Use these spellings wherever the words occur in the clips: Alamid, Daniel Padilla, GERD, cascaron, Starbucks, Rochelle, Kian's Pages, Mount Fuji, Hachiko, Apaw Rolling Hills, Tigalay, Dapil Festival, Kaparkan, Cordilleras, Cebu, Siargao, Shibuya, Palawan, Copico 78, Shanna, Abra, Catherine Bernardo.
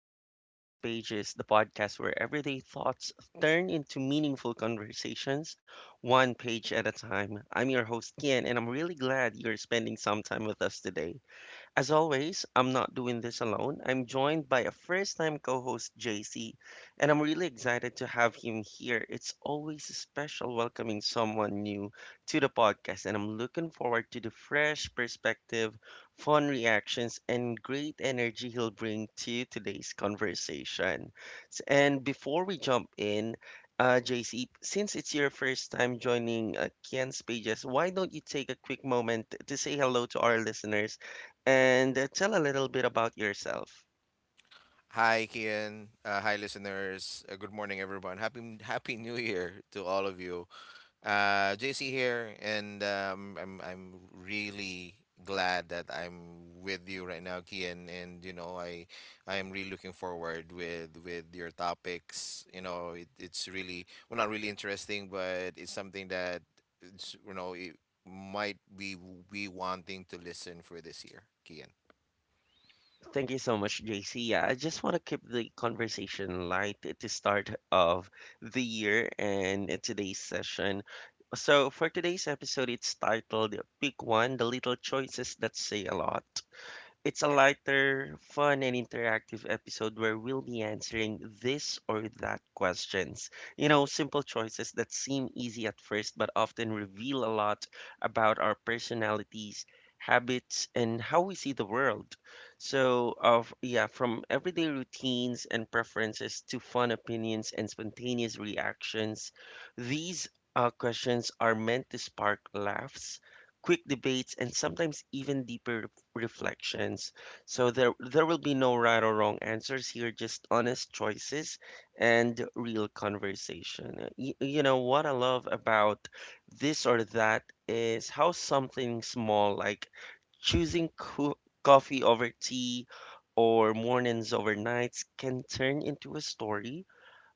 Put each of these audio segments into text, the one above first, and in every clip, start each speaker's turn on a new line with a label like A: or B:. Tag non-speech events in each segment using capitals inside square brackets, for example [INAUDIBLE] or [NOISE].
A: back to Kian's Pages, the podcast where everyday thoughts turn into meaningful conversations, one page at a time. I'm your host, Kian, and I'm really glad you're spending some time with us today. As always, I'm not doing this alone. I'm joined by a first time co host, JC, and I'm really excited to have him here. It's always special welcoming someone new to the podcast, and I'm looking forward to the fresh perspective, fun reactions, and great energy he'll bring to today's conversation. And before we jump in, JC, since it's your first time joining Ken's pages, why don't you take a quick moment to say hello to our listeners? And tell a little bit about yourself.
B: Hi, Kian. Hi, listeners. Good morning, everyone. Happy New Year to all of you. JC here, and I'm really glad that I'm with you right now, Kian. And you know, I am really looking forward with your topics. You know, it's really well not really interesting, but it's something that it's, you know it might be we wanting to listen for this year, Kian.
A: Thank you so much, JC. Yeah, I just want to keep the conversation light at the start of the year and today's session. So, for today's episode, it's titled Pick One: The Little Choices That Say a Lot. It's a lighter, fun, and interactive episode where we'll be answering this or that questions. You know, simple choices that seem easy at first but often reveal a lot about our personalities, habits, and how we see the world. So, of yeah, from everyday routines and preferences to fun opinions and spontaneous reactions, these questions are meant to spark laughs, quick debates, and sometimes even deeper reflections. So there will be no right or wrong answers here, just honest choices and real conversation. You know what I love about this or that is how something small like choosing coffee over tea or mornings over nights can turn into a story,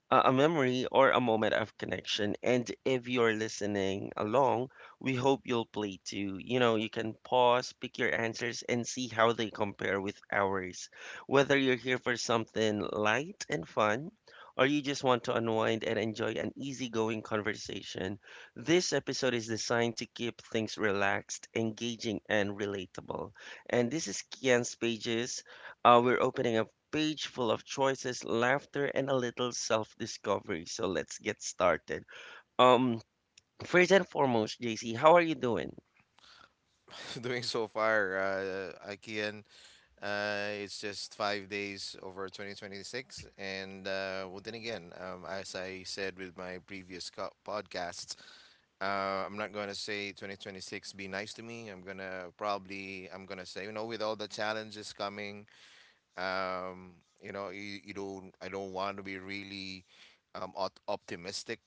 A: a memory, or a moment of connection. And if you're listening along, we hope you'll play too. You know, you can pause, pick your answers, and see how they compare with ours. Whether you're here for something light and fun, or you just want to unwind and enjoy an easygoing conversation, this episode is designed to keep things relaxed, engaging, and relatable. And this is Kian's Pages. We're opening up page full of choices, laughter, and a little self-discovery. So let's get started. Um, first and foremost, JC, how are you doing?
B: [LAUGHS] Doing so far, Kian. It's just 5 days over 2026. And well, then again, as I said with my previous podcasts, I'm not going to say 2026 be nice to me. I'm going to say, you know, with all the challenges coming, um, you know, you don't. I don't want to be really optimistic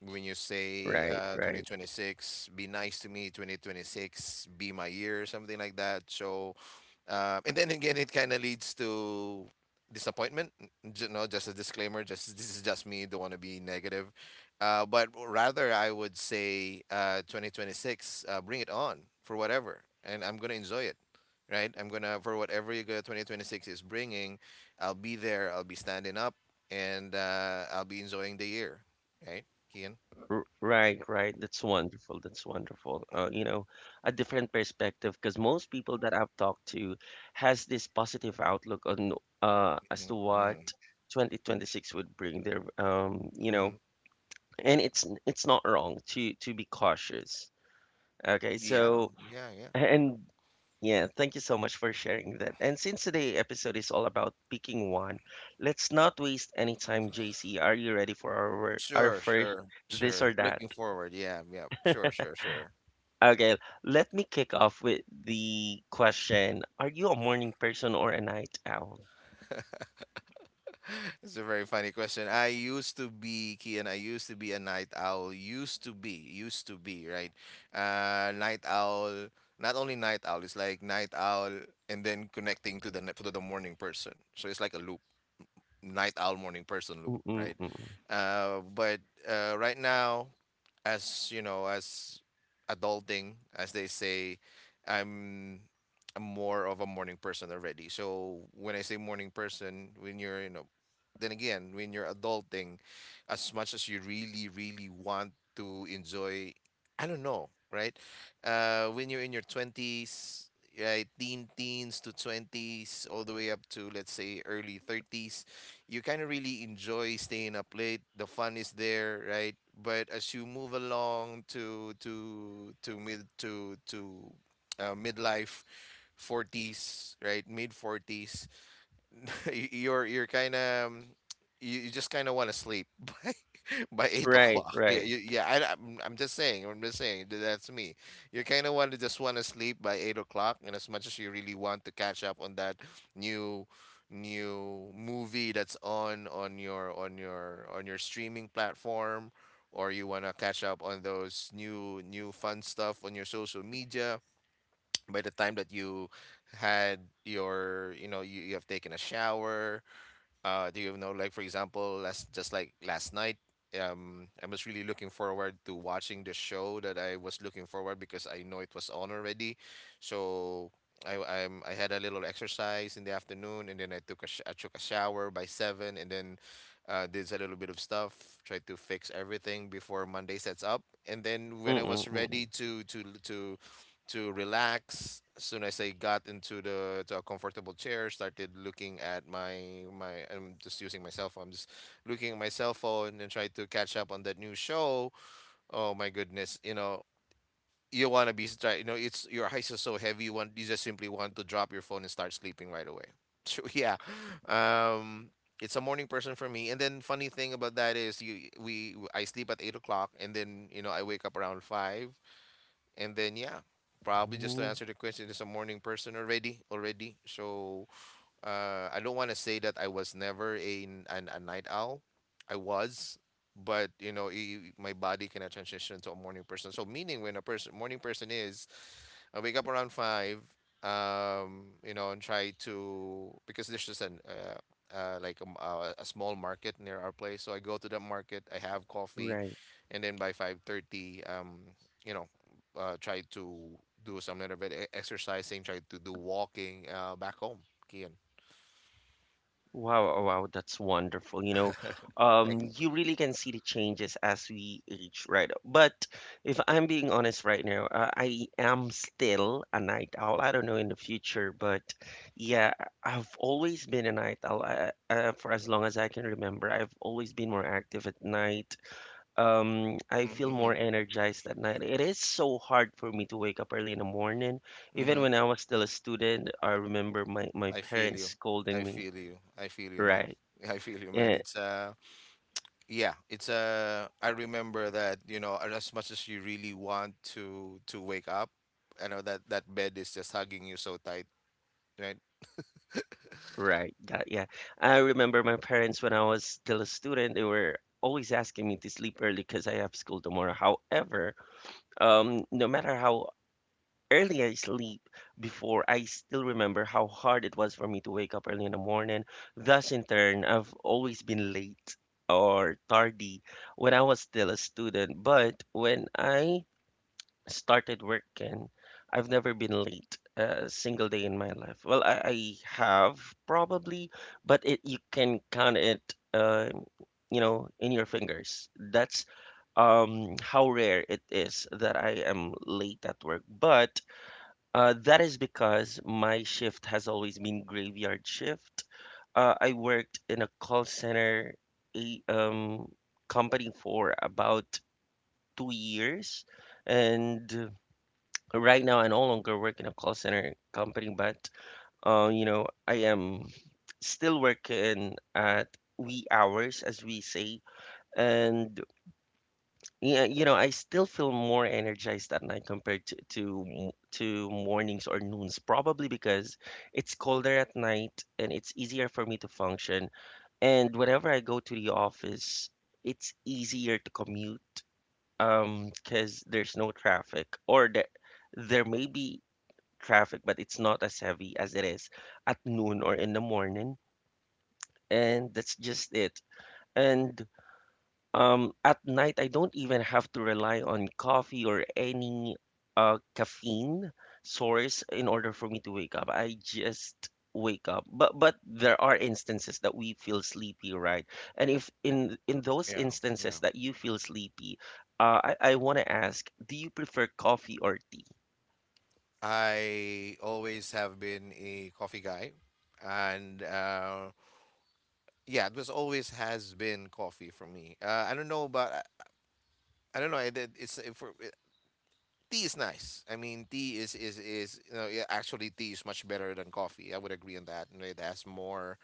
B: when you say
A: Right, right,
B: 2026. Be nice to me, 2026. Be my year, something like that. So, and then again, it kind of leads to disappointment. You know, just a disclaimer. Just this is just me. Don't want to be negative. But rather, I would say 2026. Bring it on for whatever, and I'm gonna enjoy it, right? I'm gonna For whatever you go 2026 is bringing, I'll be there. I'll be standing up, and I'll be enjoying the year, right, Kian?
A: right, right. That's wonderful. That's wonderful. A different perspective, because most people that I've talked to has this positive outlook on as
B: Mm-hmm,
A: to what
B: mm-hmm,
A: 2026 would bring their,
B: mm-hmm.
A: and it's not wrong to be cautious. Okay,
B: Yeah,
A: so,
B: yeah, yeah.
A: and yeah, thank you so much for sharing that. And since today episode is all about picking one, let's not waste any time, JC. Are you ready for our
B: Sure,
A: first
B: sure,
A: this or
B: sure.
A: that?
B: Looking forward. Yeah, yeah. Sure, sure, sure.
A: Okay, let me kick off with the question. Are you a morning person or a night owl?
B: It's a very funny question. I used to be, Kian. I used to be a night owl. Used to be, right? Night owl. Not only night owl. It's like night owl, and then connecting to the to the morning person. So it's like a loop, night owl morning person loop, right?
A: Mm-mm-mm.
B: But right now, as you know, as adulting as they say, i'm I'm more of a morning person already. So when I say morning person, when you're, you know, then again, when you're adulting, as much as you really really want to enjoy, I don't know, right? Uh, when you're in your 20s, right, teens to 20s, all the way up to let's say early 30s, you kind of really enjoy staying up late. The fun is there, right? But as you move along to to mid to midlife 40s, right, mid 40s, [LAUGHS] you're kind of, you just kind of want to sleep [LAUGHS] by eight [LAUGHS]
A: Right,
B: o'clock. Yeah,
A: right.
B: yeah. I'm just saying. I'm just saying. That's me. You kind of want to just want to sleep by 8 o'clock, and as much as you really want to catch up on that new new movie that's on your on your streaming platform, or you want to catch up on those new fun stuff on your social media. By the time that you had your, you know, you have taken a shower, do you know, like for example, last just like last night, I was really looking forward to watching the show that I was looking forward because I know it was on already. So I had a little exercise in the afternoon, and then I took a I took a shower by seven, and then did a little bit of stuff, tried to fix everything before Monday sets up, and then when I was
A: Mm-mm-mm.
B: ready to to to relax. As soon as I got into the to a comfortable chair, started looking at my my. I'm just using my cell phone. I'm just looking at my cell phone and try to catch up on that new show. Oh my goodness, you know. You wanna be you know, it's your eyes are so heavy. You just simply want to drop your phone and start sleeping right away. [LAUGHS] So yeah, um, it's a morning person for me. And then funny thing about that is you we I sleep at 8 o'clock, and then you know I wake up around 5, and then yeah, probably just to
A: Mm-hmm.
B: answer the question, is a morning person already, already. So I don't want to say that I was never a night owl. I was, but you know, my body cannot transition to a morning person. So meaning when a person morning person is, I wake up around five, you know, and try to because there's just an like a, m- a small market near our place. So I go to that market. I have coffee,
A: Right.
B: and then by 5:30, you know, try to do some little bit exercising, try to do walking back home, Kian.
A: Wow, oh, wow, that's wonderful. You know,
B: Thanks.
A: you really can see the changes as we age, right? But if I'm being honest right now, I am still a night owl. I don't know in the future, but yeah, I've always been a night owl. For as long as I can remember, I've always been more active at night.
B: Mm-hmm,
A: I feel
B: mm-hmm,
A: more energized at night. It is so hard for me to wake up early in the morning. Even
B: mm-hmm.
A: when I was still a student, I remember my
B: I feel
A: parents
B: you.
A: scolding me.
B: I feel you, man.
A: Right.
B: [LAUGHS] I feel you, man.
A: Yeah,
B: It's Yeah. It's I remember that, you know, as much as you really want to wake up, I know that that bed is just hugging you so tight, right?
A: right. That, yeah. I remember my parents when I was still a student, they were always asking me to sleep early because I have school tomorrow. However, no matter how early I sleep before, I still remember how hard it was for me to wake up early in the morning. Thus, in turn, I've always been late or tardy when I was still a student. But when I started work, and I've never been late a single day in my life. Well, I have, probably, but it you can count it, in your fingers. That's how rare it is that I am late at work. But that is because my shift has always been graveyard shift. I worked in a call center a, um, company for about 2 years, and right now, I no longer work in a call center company, but I am still working at wee hours, as we say, and yeah, you know, I still feel more energized at night compared to mornings or noons, probably because it's colder at night and it's easier for me to function. And whenever I go to the office, it's easier to commute because there's no traffic, or there may be traffic, but it's not as heavy as it is at noon or in the morning. And that's just it. And at night, I don't even have to rely on coffee or any caffeine source in order for me to wake up. I just wake up. But there are instances that we feel sleepy, right? And if in those
B: Yeah, yeah.
A: instances that you feel sleepy, I want to ask, do you prefer coffee or tea?
B: I always have been a coffee guy, and yeah, it was always has been coffee for me. I don't know, but I don't know. It's for tea is nice. I mean, tea is, you know, yeah, actually tea is much better than coffee. I would agree on that. You know, it has more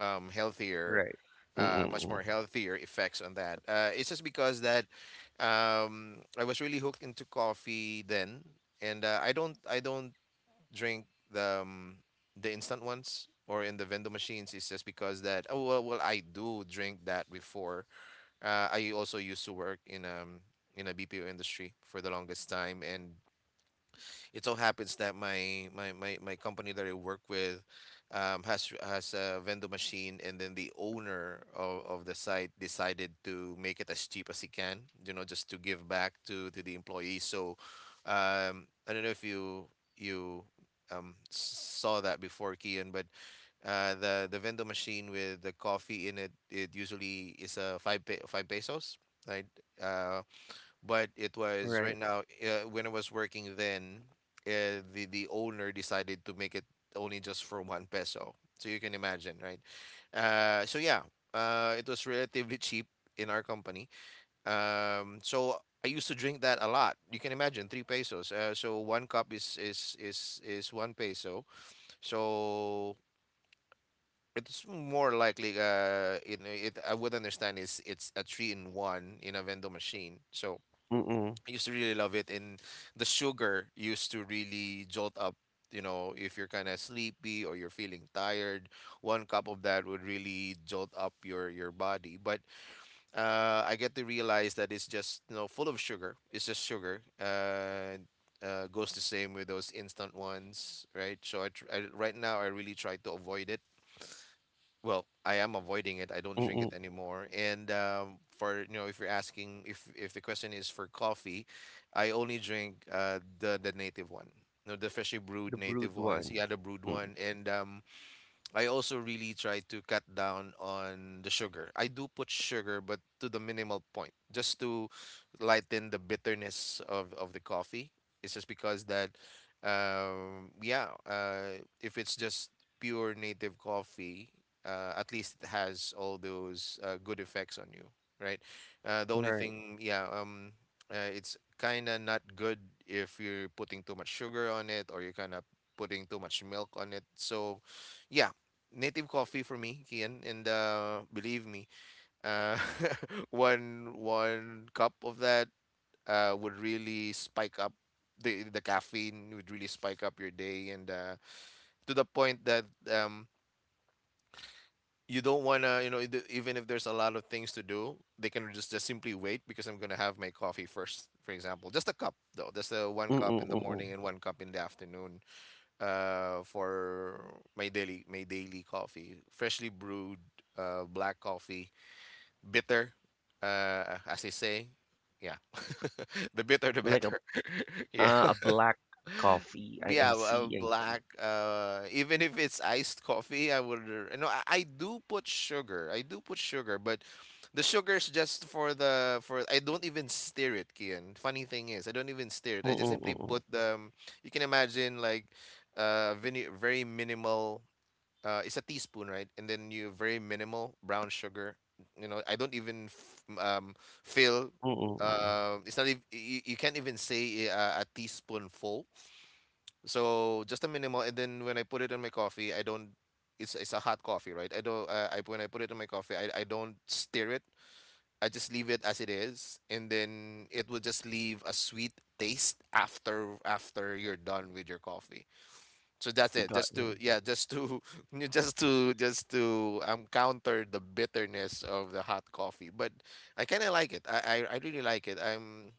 B: healthier,
A: Right.
B: much
A: Mm-mm.
B: more healthier effects on that. It's just because that I was really hooked into coffee then, and I don't drink the um, the instant ones or in the vending machines. It's just because that, oh well, well I do drink that before. I also used to work in a BPO industry for the longest time, and it so happens that my company that I work with, has a vendor machine, and then the owner of the site decided to make it as cheap as he can, you know, just to give back to the employees. So I don't know if you um, saw that before, Kian, but the vendor machine with the coffee in it, it usually is a 5 pesos, right? Uh, but it was right
A: Right.
B: now When I was working then, the owner decided to make it only just for 1 peso, so you can imagine, right? Uh, so yeah, it was relatively cheap in our company. So I used to drink that a lot. You can imagine, 3 pesos, so one cup is is 1 peso. So it's more likely it I would understand is it's a three in one in a vending machine. So
A: Mm-mm.
B: I used to really love it, and the sugar used to really jolt up. You know, if you're kind of sleepy or you're feeling tired, one cup of that would really jolt up your body. But I get to realize that it's just, you know, full of sugar. It's just sugar. Goes the same with those instant ones, right? So I, tr- I right now I really try to avoid it. Well, I am avoiding it. I don't drink
A: Mm,
B: it anymore. And for, you know, if you're asking if the question is for coffee, I only drink the native one, no, the freshly brewed
A: the
B: native
A: brewed
B: ones,
A: one.
B: yeah, the brewed
A: Mm,
B: one. And I also really try to cut down on the sugar. I do put sugar, but to the minimal point, just to lighten the bitterness of the coffee. It's just because that, yeah, if it's just pure native coffee, at least it has all those good effects on you, right? The only
A: right.
B: thing, yeah, it's kind of not good if you're putting too much sugar on it or you're kind of putting too much milk on it. So, yeah, native coffee for me, Kian, and believe me, uh, [LAUGHS] one cup of that would really spike up the caffeine would really spike up your day, and to the point that um, you don't wanna, you know, even if there's a lot of things to do, they can just simply wait because I'm gonna have my coffee first, for example, just a cup though, just a one
A: Mm,
B: cup in the morning
A: mm.
B: and one cup in the afternoon, for my daily coffee. Freshly brewed black coffee, bitter, as they say. Yeah, [LAUGHS] the bitter the
A: Like a
B: better. [LAUGHS] Yeah,
A: uh, a black
B: [LAUGHS]
A: coffee. I
B: yeah,
A: see.
B: black. Even if it's iced coffee, I would. You know, I do put sugar. I do put sugar, but the sugar's just for the for. I don't even stir it, Kian. Funny thing is, I don't even stir it.
A: I,
B: I just
A: mm,
B: simply
A: mm.
B: put the. You can imagine like, very minimal it's a teaspoon, right? And then you very minimal brown sugar. You know, I don't even feel.
A: Mm, mm.
B: It's not. You, you can't even say a teaspoon full. So just a minimal, and then when I put it in my coffee, I don't. It's a hot coffee, right? I don't. I when I put it in my coffee, I don't stir it. I just leave it as it is, and then it will just leave a sweet taste after you're done with your coffee. So that's it.
A: Got
B: Just
A: you.
B: to yeah, just to [LAUGHS] just to counter the bitterness of the hot coffee. But I kind of like it. I I really like it. I'm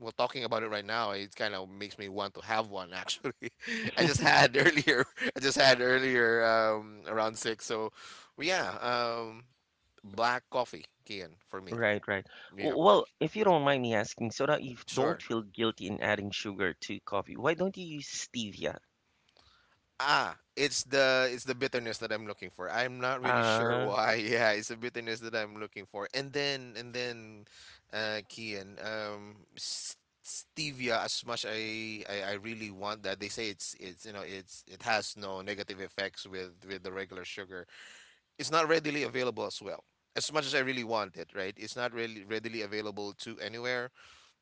B: well talking about it right now. It kind of makes me want to have one actually. [LAUGHS] I just had earlier. [LAUGHS] I just had earlier around six. So yeah, black coffee, Kian, for me.
A: Right, right.
B: Yeah,
A: Well, if you don't mind me asking, so that you don't
B: sure.
A: feel guilty in adding sugar to coffee, why don't you use stevia?
B: Ah, it's the bitterness that I'm looking for. I'm not really sure
A: Ah,
B: why. [LAUGHS] Yeah, it's the bitterness that I'm looking for. And then Kian, stevia. As much I, I really want that. They say it's you know it's it has no negative effects with the regular sugar. It's not readily available as well. As much as I really want it, right? It's not really readily available to anywhere.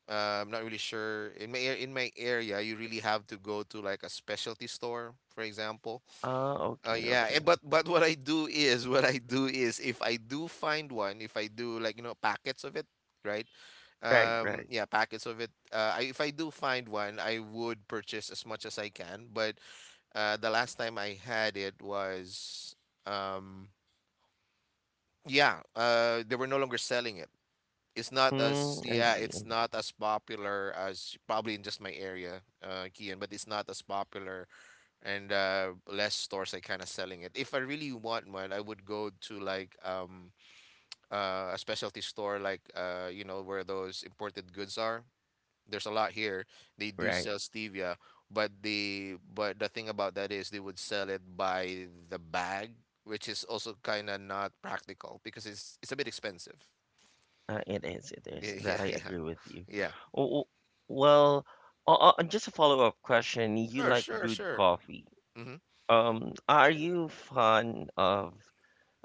B: I'm not really sure. In my in my area, you really have to go to like a specialty store, for example.
A: ah,
B: Oh
A: okay,
B: yeah, eh,
A: okay.
B: but what I do is [LAUGHS] what I do is if I do find one, if I do like you know packets of it, right?
A: Right, right.
B: Yeah, packets of it. If I do find one, I would purchase as much as I can. But the last time I had it was, um, yeah, they were no longer selling it. It's not
A: Mm,
B: as
A: I
B: yeah,
A: see.
B: it's not as popular as probably in just my area, Kian, but it's not as popular and less stores are kind of selling it. If I really want one, I would go to like a specialty store like you know where those imported goods are. There's a lot here. They do
A: Right.
B: sell stevia, but the thing about that is they would sell it by the bag, which is also kind of not practical because it's a bit expensive.
A: It is, it is.
B: Yeah, [LAUGHS]
A: That
B: yeah,
A: I
B: yeah.
A: agree with you.
B: Yeah.
A: W- w- Well, just a follow-up question. You
B: Sure,
A: like
B: sure,
A: brewed
B: sure.
A: coffee.
B: Mm-hmm.
A: Um, are you fan of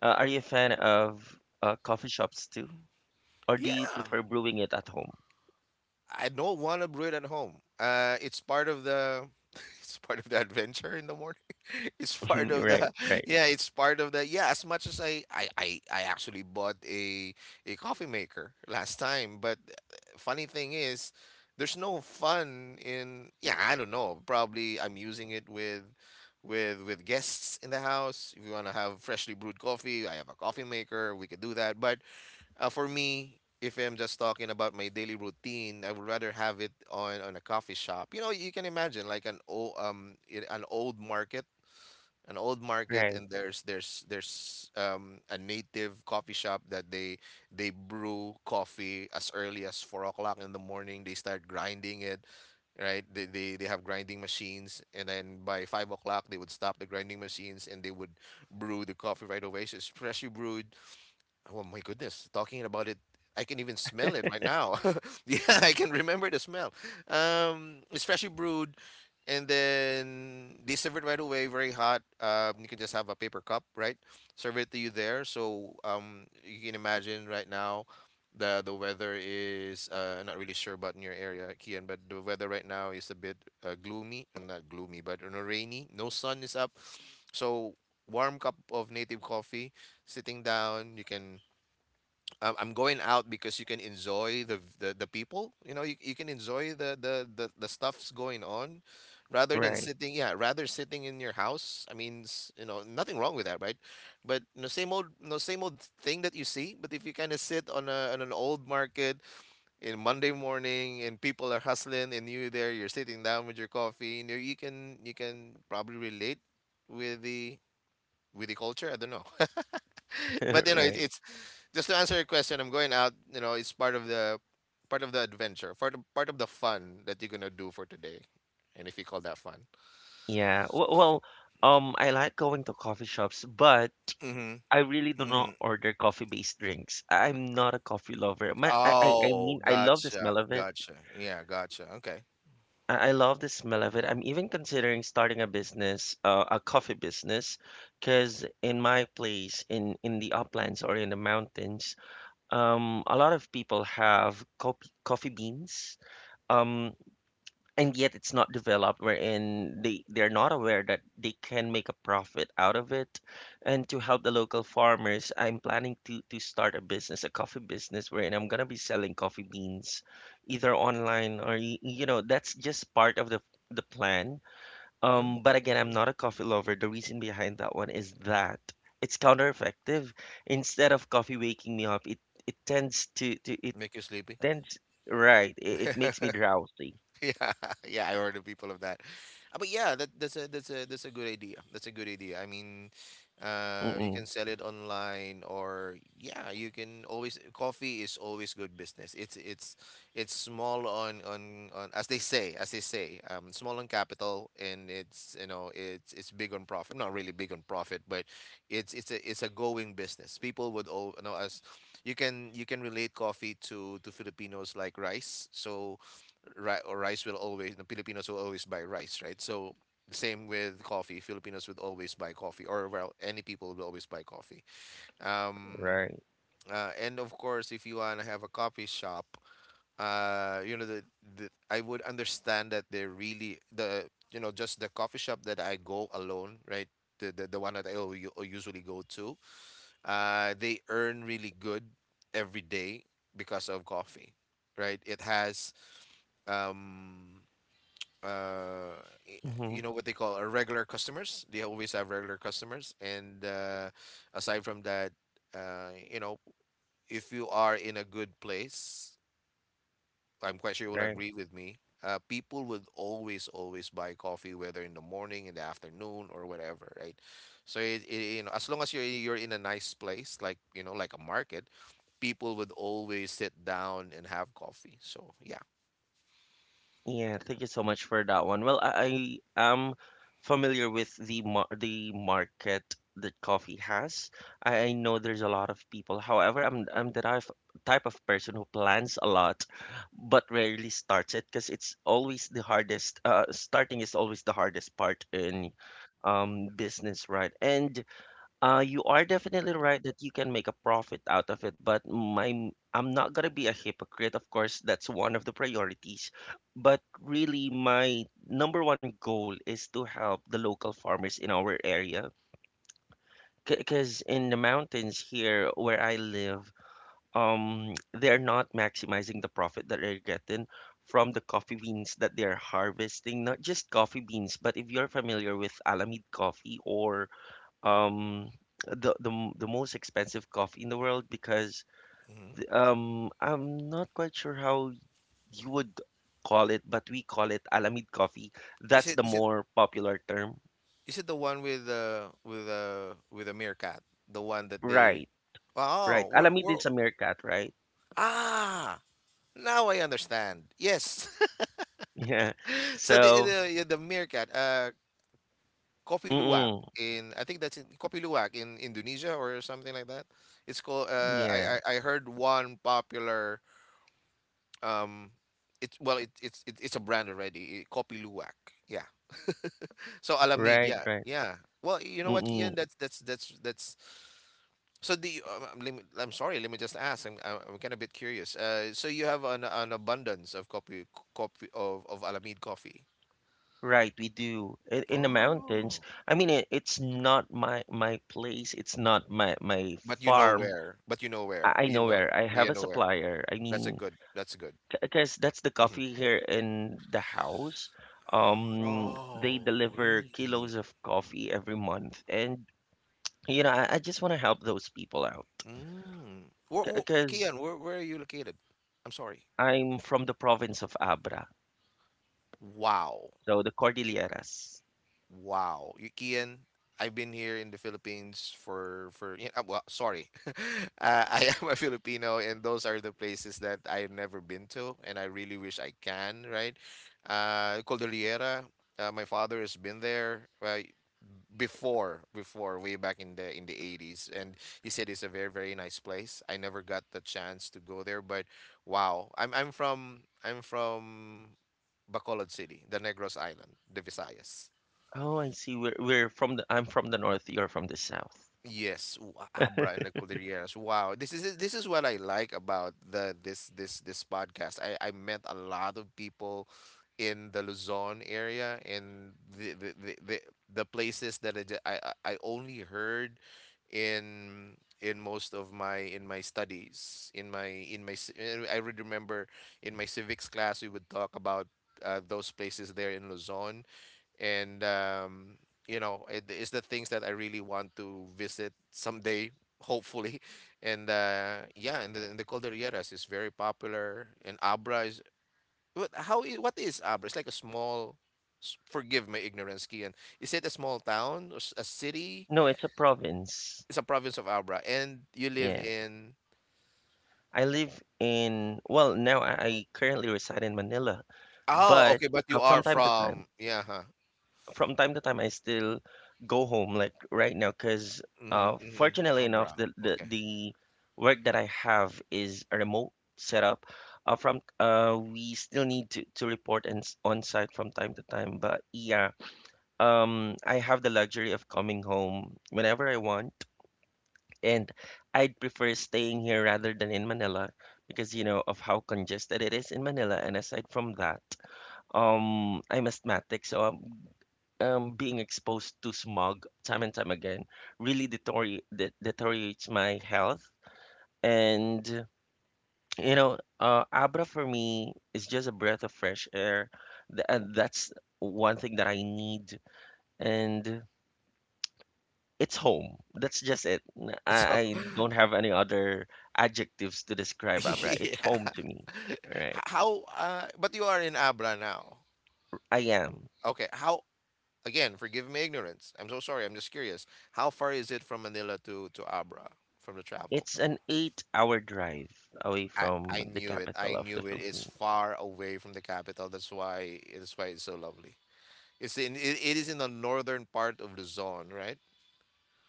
A: are you a fan of coffee shops too? Or do you
B: Yeah.
A: prefer brewing it at home?
B: I don't want to brew it at home. It's part of the [LAUGHS] it's part of the adventure in the morning. [LAUGHS] It's part
A: [LAUGHS]
B: of
A: Right,
B: the [LAUGHS]
A: right,
B: yeah, it's part of the yeah, as much as I actually bought a coffee maker last time, but funny thing is there's no fun in yeah, I don't know. Probably I'm using it with with guests in the house. If you want to have freshly brewed coffee, I have a coffee maker, we could do that. But for me, if I'm just talking about my daily routine, I would rather have it on a coffee shop. You know, you can imagine like an old an old market,
A: right,
B: and there's there's a native coffee shop that they brew coffee as early as 4 o'clock in the morning. They start grinding it, right? They they have grinding machines, and then by 5 o'clock they would stop the grinding machines and they would brew the coffee right away. So it's freshly brewed. Oh my goodness, talking about it, I can even smell it right now. [LAUGHS] Yeah, I can remember the smell. It's freshly brewed, and then they serve it right away, very hot. You can just have a paper cup, right? Serve it to you there. So you can imagine right now, the weather is not really sure about in your area, Kian, but the weather right now is a bit gloomy. Not gloomy, but you know, rainy. No sun is up. So warm cup of native coffee, sitting down, you can I'm going out because you can enjoy the people. You know, you can enjoy the the stuff's going on, rather than
A: right,
B: sitting. Yeah, rather sitting in your house. I mean, you know, nothing wrong with that, right? But no same old no same old thing that you see. But if you kind of sit on a on an old market in Monday morning and people are hustling and you there, you're sitting down with your coffee. You know, you can probably relate with the with the culture. I don't know. [LAUGHS] [LAUGHS] But you know
A: [LAUGHS] right.
B: it's just to answer your question. I'm going out. You know, it's part of the adventure, part of the fun that you're gonna do for today, and if you call that fun.
A: Yeah. Well, I like going to coffee shops, but
B: Mm-hmm.
A: I really do
B: Mm-hmm.
A: not order coffee-based drinks. I'm not a coffee lover. I
B: Oh,
A: mean, I love the
B: gotcha.
A: smell of it.
B: Gotcha. Yeah, gotcha. Okay.
A: I love the smell of it. I'm even considering starting a business, a coffee business, because in my place, in the uplands or in the mountains, a lot of people have coffee beans. Um, and yet it's not developed wherein they're not aware that they can make a profit out of it, and to help the local farmers, I'm planning to start a business, a coffee business, wherein I'm going to be selling coffee beans either online or you know, that's just part of the plan.
B: Mm-hmm.
A: But again, I'm not a coffee lover. The reason behind that one is that it's counter effective. Instead of coffee waking me up, it tends to, it
B: Make you sleepy.
A: tends. Right, it makes me
B: [LAUGHS]
A: drowsy.
B: [LAUGHS] Yeah, yeah, I heard of people of that. But yeah, that's a that's a good idea. That's a good idea. I mean, you can
A: Mm-mm,
B: sell it online, or yeah, you can always. Coffee is always good business. It's it's small on as they say, small on capital, and it's you know it's big on profit. Not really big on profit, but it's a going business. People would all you know as you can relate coffee to Filipinos like rice. So ri- or rice will always the Filipinos will always buy rice, right? So the same with coffee. Filipinos would always buy coffee, or well, any people will always buy coffee. Um,
A: right.
B: and of course, if you wanna have a coffee shop, you know the I would understand that they're really the you know just the coffee shop that I go alone, right? The one that I usually go to, they earn really good every day because of coffee, right? It has um uh, y-
A: Mm-hmm.
B: you know what they call our regular customers. They always have regular customers, and aside from that, you know, if you are in a good place, I'm quite sure you will
A: Right.
B: agree with me. People would always, always buy coffee, whether in the morning, in the afternoon, or whatever, right? So it, you know, as long as you're in a nice place, like you know, like a market, people would always sit down and have coffee. So yeah.
A: Yeah, thank you so much for that one. Well, I am familiar with the market that coffee has. I know there's a lot of people. However, I'm the type of person who plans a lot but rarely starts it because it's always the hardest. Starting is always the hardest part in business, right? And you are definitely right that you can make a profit out of it, but my I'm not gonna be a hypocrite. Of course, that's one of the priorities, but really my number one goal is to help the local farmers in our area. Because in the mountains here where I live, they're not maximizing the profit that they're getting from the coffee beans that they're harvesting. Not just coffee beans, but if you're familiar with Alamid coffee, or um the most expensive coffee in the world, because
B: Hmm.
A: I'm not quite sure how you would call it, but we call it Alamid coffee. That's the
B: Is it
A: more popular term.
B: Is it the one with the with the with the meerkat? The one that they
A: Right, right.
B: Oh,
A: Alamid
B: we're
A: is a meerkat, right? [LAUGHS]
B: ah now I understand. Yes.
A: Yeah.
B: [LAUGHS] So
A: So,
B: the yeah, the meerkat, Kopi Luwak
A: mm-mm,
B: in I think that's in Kopi Luwak in Indonesia or something like that. It's called
A: yeah,
B: I heard one popular um it's well it's it's a brand already, eh, Kopi Luwak. Yeah. So Alamid,
A: right,
B: yeah.
A: right.
B: Yeah. Well, you know what,
A: Mm-mm,
B: Kian, that's So the let me, I'm sorry, let me just ask. I'm I'm kind of a bit curious. So you have an abundance of coffee, coffee of Alameda coffee.
A: right, we do. In the mountains,
B: Oh.
A: I mean, it's not my place. It's not my
B: But you know
A: farm.
B: where. But you know where.
A: I
B: You
A: know
B: know.
A: where. I have
B: You
A: a
B: know where.
A: supplier. I
B: That's a
A: mean,
B: good. That's a good.
A: because that's the
B: Hmm.
A: coffee here in the house. They
B: Oh,
A: deliver kilos
B: really?
A: of coffee every month, and I just want to help those people out,
B: Mm.
A: because
B: Kian, where are you located? I'm sorry.
A: I'm from the province of Abra,
B: Wow.
A: so the Cordilleras.
B: Wow, Y- Kian, I've been here in the Philippines for yeah, well, sorry, [LAUGHS] I am a Filipino, and those are the places that I've never been to, and I really wish I can. Right, Cordillera. My father has been there before way back in the in the 80s, and he said it's a very very nice place. I never got the chance to go there, but wow, I'm from Bacolod City, the Negros Island, the Visayas.
A: Oh, I see. We're from the. I'm from the north. You're from the south.
B: Yes, w- Abra and the Cordilleras. Wow, this is what I like about the this this podcast. I met a lot of people in the Luzon area and the places that I, ju- I only heard in most of my studies in my I would remember in my civics class we would talk about those places there in Luzon and it is the things that I really want to visit someday hopefully [LAUGHS] and yeah and the Cordilleras is very popular and Abra is what is Abra? It's like a small forgive my ignorance, Kian, is it a small town or a city?
A: No, it's a province.
B: It's a province of Abra, and you live
A: Yes,
B: in,
A: I live in. Well, now I currently reside in Manila,
B: oh
A: but
B: okay, but you
A: uh,
B: are
A: from time to
B: from,
A: time.
B: yeah, huh.
A: from time to time, I still go home, like right now, because
B: Mm-hmm, mm-hmm.
A: fortunately enough,
B: Abra,
A: the, the
B: okay.
A: the work that I have is a remote setup. From we still need to report and on site from time to time, but yeah, I have the luxury of coming home whenever I want, and I'd prefer staying here rather than in Manila because you know of how congested it is in Manila. And aside from that, I'm asthmatic, so I'm being exposed to smog time and time again really deteriorates my health. And Abra for me is just a breath of fresh air. Th- and that's one thing that I need. And it's home. That's just it. N-
B: [LAUGHS] So
A: I don't have any other adjectives to describe Abra.
B: [LAUGHS]
A: It's
B: yeah
A: home to me.
B: [LAUGHS]
A: Right.
B: How, but you are in Abra now.
A: I am.
B: Okay, how, again, forgive me ignorance. I'm so sorry. I'm just curious. How far is it from Manila to Abra from the travel?
A: It's an 8 hour drive away
B: I
A: from the
B: knew it. I
A: capital of the
B: knew it. It's
A: Philippines.
B: far away from the capital. That's why it's so lovely. It's in, it is in the northern part of Luzon, right?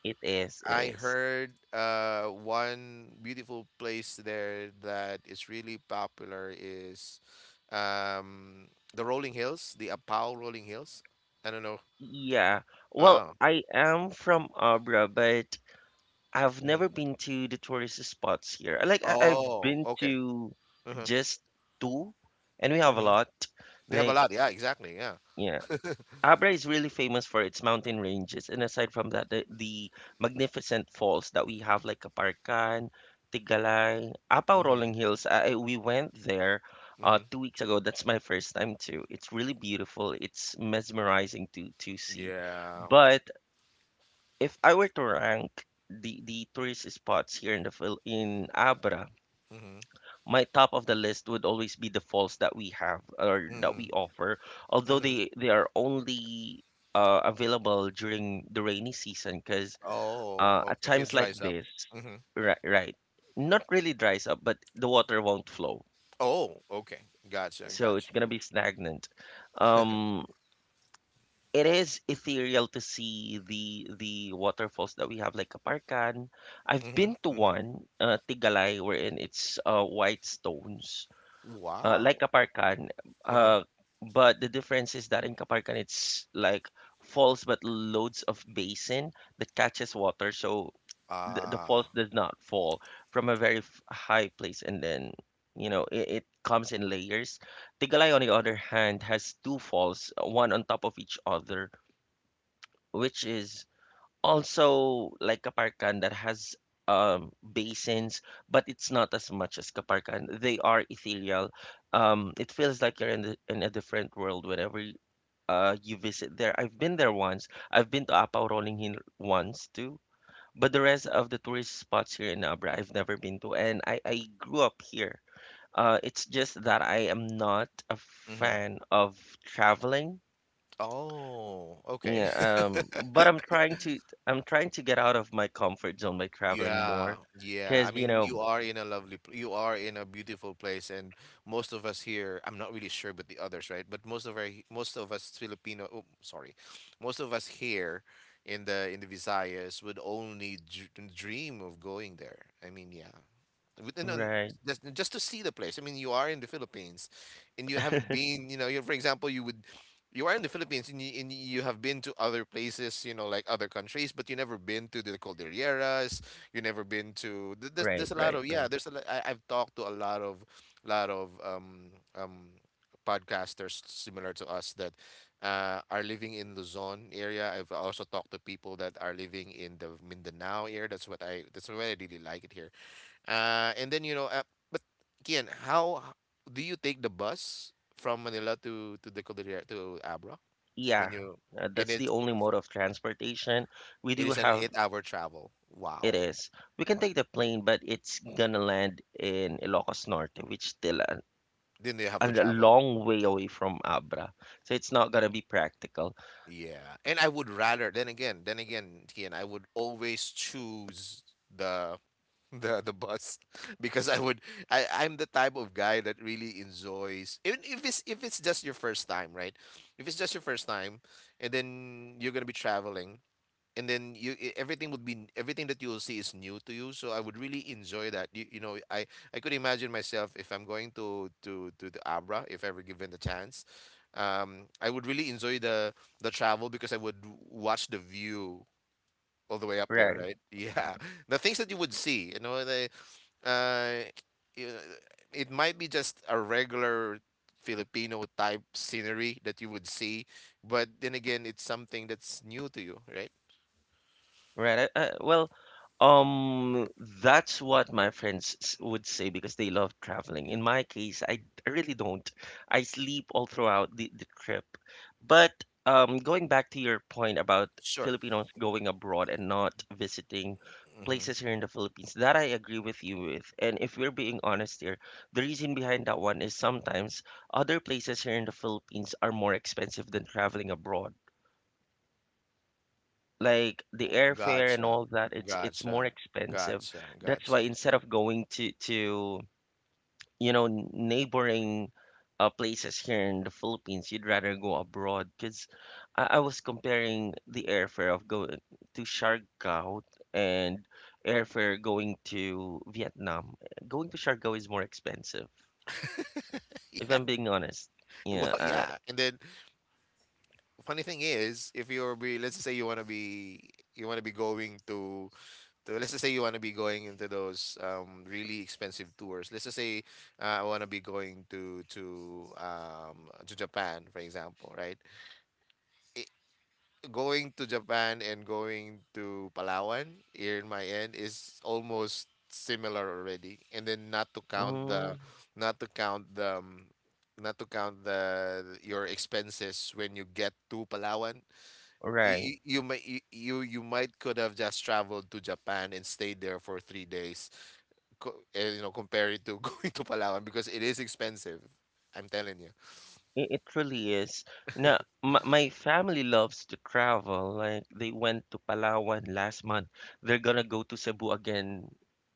A: It is, it
B: I
A: is.
B: heard one beautiful place there that is really popular is um, the Rolling Hills, the Apau Rolling Hills. I don't know.
A: Yeah. Well,
B: Oh,
A: I am from Abra, but I've
B: mhm.
A: never been to the tourist spots here. Like I, I've
B: Oh,
A: been
B: okay.
A: to
B: Hmm.
A: just two, and we have a
B: Hmm.
A: lot.
B: They have a
A: Like
B: lot. Yeah, exactly. Yeah.
A: yeah, Abra is really famous for its mountain ranges, and aside from that, the magnificent falls that we have, like Kaparkan, Tigalay, Apaw Rolling
B: Hmm.
A: Hills. We went there.
B: Hmm.
A: Two weeks ago, that's my first time too. It's really beautiful. It's mesmerizing to see,
B: Yeah.
A: but if I were to rank the tourist spots here in the in Abra,
B: Hmm.
A: my top of the list would always be the falls that we have or that
B: Hmm.
A: we offer, although
B: Hmm.
A: they are only available during the rainy season. Because
B: Oh,
A: at
B: okay. It
A: times like
B: dries up.
A: this,
B: Hmm.
A: right, right, not really dries up, but the water won't flow,
B: Oh, okay. Gotcha.
A: so it's
B: Gotcha.
A: gonna be stagnant. Um, it is ethereal to see the waterfalls that we have, like Kaparkan. I've
B: Hmm.
A: been to
B: Hmm.
A: one, Tigalay, wherein it's white stones, like
B: Wow.
A: Kaparkan.
B: Uh-huh.
A: Uh, but the difference is that in Kaparkan it's like falls but loads of basin that catches water, so the falls
B: Ah.
A: does not fall from a very high place, and then you know it comes in layers. Tigalay, on the other hand, has two falls, one on top of each other, which is also like Kaparkan that has basins, but it's not as much as Kaparkan. They are ethereal. It feels like you're in, the, in a different world whenever you visit there. I've been there once. I've been to Apao Rolling Hill once too. But the rest of the tourist spots here in Abra, I've never been to. And I grew up here. It's just that I am not a
B: Mhm.
A: fan of traveling.
B: Oh, okay.
A: Yeah,
B: [LAUGHS]
A: but I'm trying to get out of my comfort zone by traveling
B: Yeah,
A: more,
B: yeah.
A: because
B: I
A: you
B: mean,
A: know,
B: you are in a lovely, you are in a beautiful place, and most of us here, I'm not really sure, but the others, right? But most of our, most of us Filipino, oh, sorry, most of us here in the Visayas would only dr dream of going there. I mean, yeah, with, and then
A: right,
B: just to see the place. I mean, you are in the Philippines, and you haven't been. You know, you for example, you would, you are in the Philippines, and you have been to other places. You know, like other countries, but you never been to the Cordilleras. You never been to.
A: right,
B: There's a lot
A: right,
B: of yeah.
A: right.
B: There's a lot, I've talked to a lot of podcasters similar to us that are living in Luzon area. I've also talked to people that are living in the Mindanao area. That's what I really like it here and then but again, how do you take the bus from Manila to the Cordillera to Abra
A: Yeah,
B: when you? And
A: that's the
B: it
A: only mode of transportation we
B: it
A: do
B: is an
A: have.
B: eight-hour travel.
A: It
B: Wow.
A: is. We can take the plane, but it's gonna land in Ilocos Norte, which still
B: Then you have
A: a
B: to travel.
A: long way away from Abra, so it's not gonna be practical.
B: Yeah, and I would rather. Then again, Kian, I would always choose the [LAUGHS] the bus [LAUGHS] because I would. I'm the type of guy that really enjoys, even if it's just your first time, right? If it's just your first time, and then you're gonna be traveling, and then you everything would be everything that you will see is new to you, so I would really enjoy that. You know, I could imagine myself if I'm going to the Abra, if ever given the chance, I would really enjoy the travel because I would watch the view all the way up there,
A: Right.
B: right? Yeah [LAUGHS] the things that you would see, you know, the uh you know, it might be just a regular Filipino type scenery that you would see, but then again, it's something that's new to you, right?
A: Right. Well, um, that's what my friends would say because they love traveling. In my case, I really don't. I sleep all throughout the trip. But going back to your point about
B: Sure.
A: Filipinos going abroad and not visiting places here in the Philippines, that I agree with you with. And if we're being honest here, the reason behind that one is sometimes other places here in the Philippines are more expensive than traveling abroad, like the
B: Oh,
A: airfare and
B: gotcha.
A: all that. It's more
B: Gotcha.
A: expensive.
B: Gotcha.
A: That's
B: Gotcha.
A: why instead of going to you know neighboring places here in the Philippines, you'd rather go abroad. Because I was comparing the airfare of going to Siargao and airfare going to Vietnam. Going to Siargao is more expensive, if
B: Yeah.
A: I'm
B: [LAUGHS]
A: being honest.
B: Well,
A: Yeah,
B: yeah. And then, funny thing is, if you're be, let's say you wanna be, you wanna be going to, let's just say you wanna be going into those really expensive tours. Let's just say I wanna be going to Japan, for example, right? I going to Japan and going to Palawan here in my end is almost similar already. And then not to count
A: mm,
B: the not to count the um, not to count the your expenses when you get to Palawan.
A: right.
B: You might you, you you might could have just traveled to Japan and stayed there for 3 days. You know, compare it to [LAUGHS] going to Palawan, because it is expensive. I'm telling you
A: It really is. Now, my family loves to travel. Like they went to Palawan last month. They're gonna go to Cebu again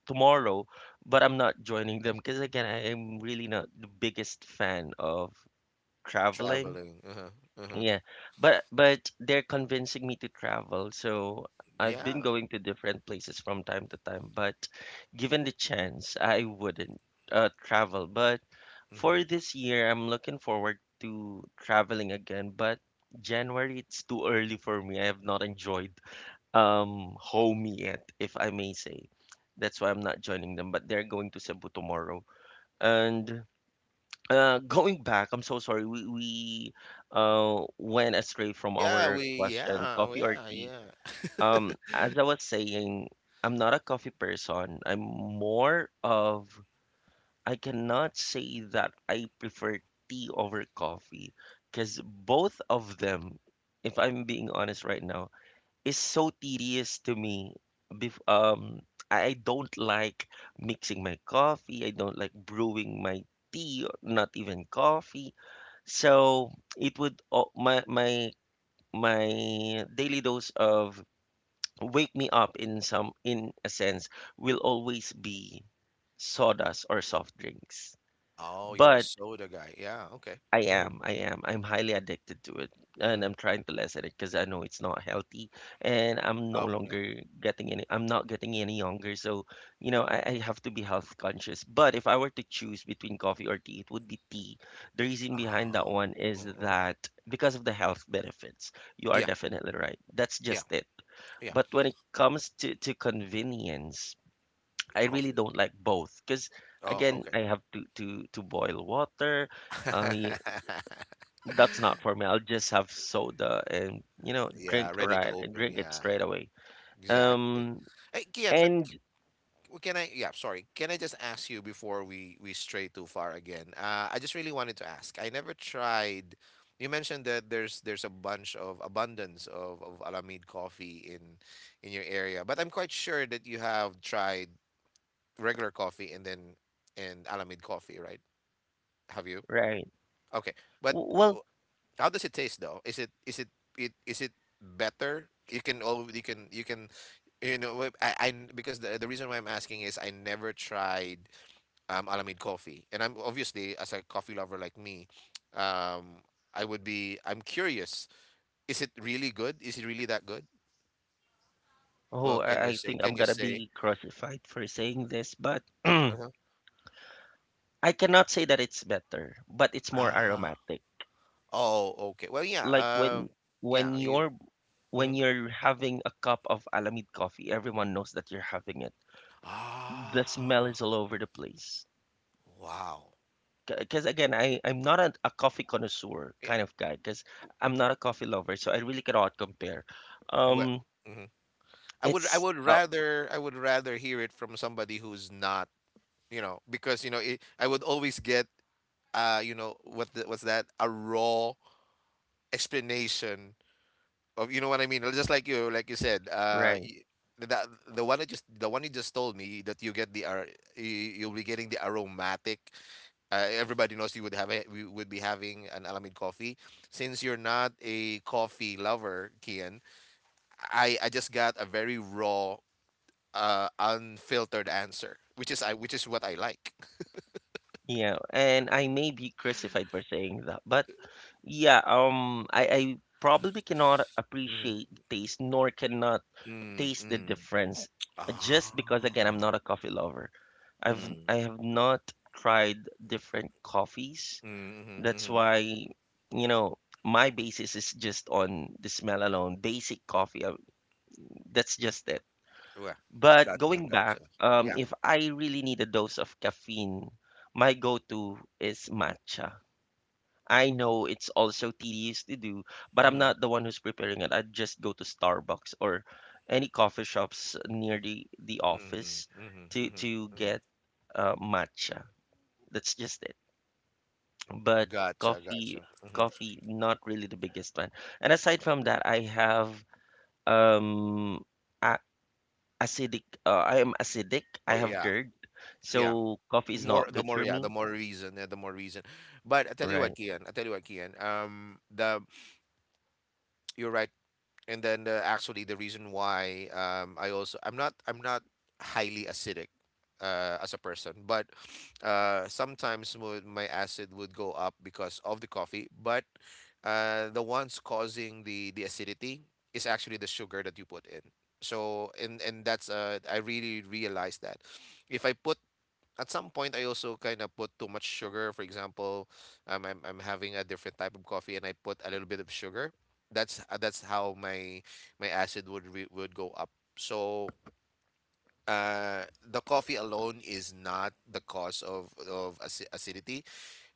A: tomorrow, but I'm not joining them because again, I am really not the biggest fan of
B: of
A: traveling.
B: traveling. Uh-huh, uh-huh.
A: Yeah, but they're convincing me to travel, so I've been
B: Yeah.
A: going to different places from time to time, but given the chance, I wouldn't travel. But
B: Mm-hmm.
A: for this year, I'm looking forward to traveling again, but January, it's too early for me. I have not enjoyed home yet, if I may say. That's why I'm not joining them, but they're going to Cebu tomorrow. And going back, I'm so sorry, we went astray from
B: Yeah,
A: our
B: we,
A: question:
B: yeah, oh,
A: coffee or
B: yeah,
A: tea.
B: yeah.
A: As I was saying, I'm not a coffee person. I'm more of, I cannot say that I prefer tea over coffee because both of them, if I'm being honest right now, is so tedious to me. Bef I don't like mixing my coffee. I don't like brewing my tea, or not even coffee. So it would my my daily dose of wake me up in some in a sense will always be sodas or soft drinks.
B: Oh, you're a
A: But
B: soda guy. Yeah, okay.
A: I
B: Mm-hmm.
A: am. I am. I'm highly addicted to it, and
B: Mm-hmm.
A: I'm trying to lessen it because I know it's not healthy, and I'm no
B: Oh, yeah.
A: longer getting any. I'm not getting any younger, so you know I have to be health conscious. But if I were to choose between coffee or tea, it would be tea. The reason behind that
B: Oh,
A: one is
B: mm-hmm, mm-hmm.
A: that because of the health benefits. You are
B: Yeah,
A: definitely right. That's
B: yeah,
A: just it.
B: yeah.
A: But when it comes to convenience, I really
B: Coffee.
A: don't like both because
B: Oh,
A: again,
B: okay.
A: I have to boil water. Uh,
B: [LAUGHS]
A: that's not for me. I'll just have soda and
B: Yeah,
A: drink
B: ready to
A: right and
B: open.
A: drink it
B: Yeah,
A: straight away.
B: exactly.
A: Um
B: Hey, Kian, but
A: and
B: well, can I, yeah, sorry. Can I just ask you before we stray too far again? I just really wanted to ask. I never tried. You mentioned that there's a bunch of abundance of Alamid coffee in your area, but I'm quite sure that you have tried regular coffee and then and Alamid coffee, right? Have you?
A: right.
B: Okay. But uh,
A: Well,
B: how does it taste though? Is it is it better? You can all you can you can you know what- I because the reason why I'm asking is I never tried Alameda Coffee. And I'm obviously, as a coffee lover like me, um, I would be. I'm curious. Is it really good? Is it really that good?
A: oh,
B: Well, can you
A: I
B: say?
A: think I'm
B: Can you
A: gonna
B: say?
A: be crucified for saying this, but [CLEARS THROAT]
B: Uh-huh.
A: I cannot say that it's better, but it's more
B: Ah.
A: aromatic.
B: Oh, okay. Well, yeah.
A: Like
B: Um,
A: when
B: yeah. You.
A: you're when
B: Mhm.
A: you're having a cup of Alamid coffee, everyone knows that you're having it. The smell
B: Ah.
A: is all over the place.
B: Wow.
A: Because again I'm not a coffee connoisseur
B: Yeah.
A: kind of guy, because I'm not a coffee lover, so I really cannot compare.
B: Well.
A: Um
B: Mhm. I would. I
A: it's
B: would rather. I would rather hear it from somebody who's not. You know, because you know, it, I would always get. You know, what the, what's that? A raw explanation of, you know what I mean? Just like you said,
A: right.
B: the the one that just the one you just told me that you get the you'll be getting the aromatic. Everybody knows you would have a, we would be having an Alamid coffee. Since you're not a coffee lover, Kian, I just got a very raw, unfiltered answer, which is I which is what I like.
A: Yeah, and I may be crucified for saying that, but yeah, I probably cannot
B: Mm,
A: appreciate taste, nor cannot
B: mm,
A: taste the
B: mm.
A: difference,
B: Oh.
A: just because again I'm not a coffee lover.
B: Mm,
A: I have not tried different coffees.
B: mm, mm,
A: That's
B: mm.
A: why, you know, my basis is just on the smell alone, basic coffee. That's just it.
B: Well,
A: But
B: gotcha,
A: going back,
B: gotcha. Yeah.
A: if I really need a dose of caffeine, my go-to is matcha. I know it's also tedious to do, but I'm
B: Mm-hmm.
A: not the one who's preparing it. I just go to Starbucks or any coffee shops near the
B: Mhm,
A: office
B: mhm, mhm,
A: to
B: mhm.
A: get matcha. That's just it. But
B: Gotcha,
A: coffee
B: gotcha. Mhm.
A: coffee not really the biggest fan. And aside from that, I have um a- acidic, I am acidic,
B: Oh
A: I have
B: yeah,
A: GERD, so
B: yeah.
A: coffee is
B: More
A: not
B: the
A: good
B: more
A: for
B: yeah,
A: me.
B: the more reason, yeah, the more reason. But I tell you what,
A: Right.
B: Kian, I tell you what, Kian. The you're right. And then actually the reason why I also I'm not highly acidic as a person, but sometimes my acid would go up because of the coffee. But the ones causing the acidity is actually the sugar that you put in. So and that's I really realized that if I put, at some point I also kind of put too much sugar. For example, I'm having a different type of coffee and I put a little bit of sugar. That's how my my acid would re would go up. So the coffee alone is not the cause of acidity.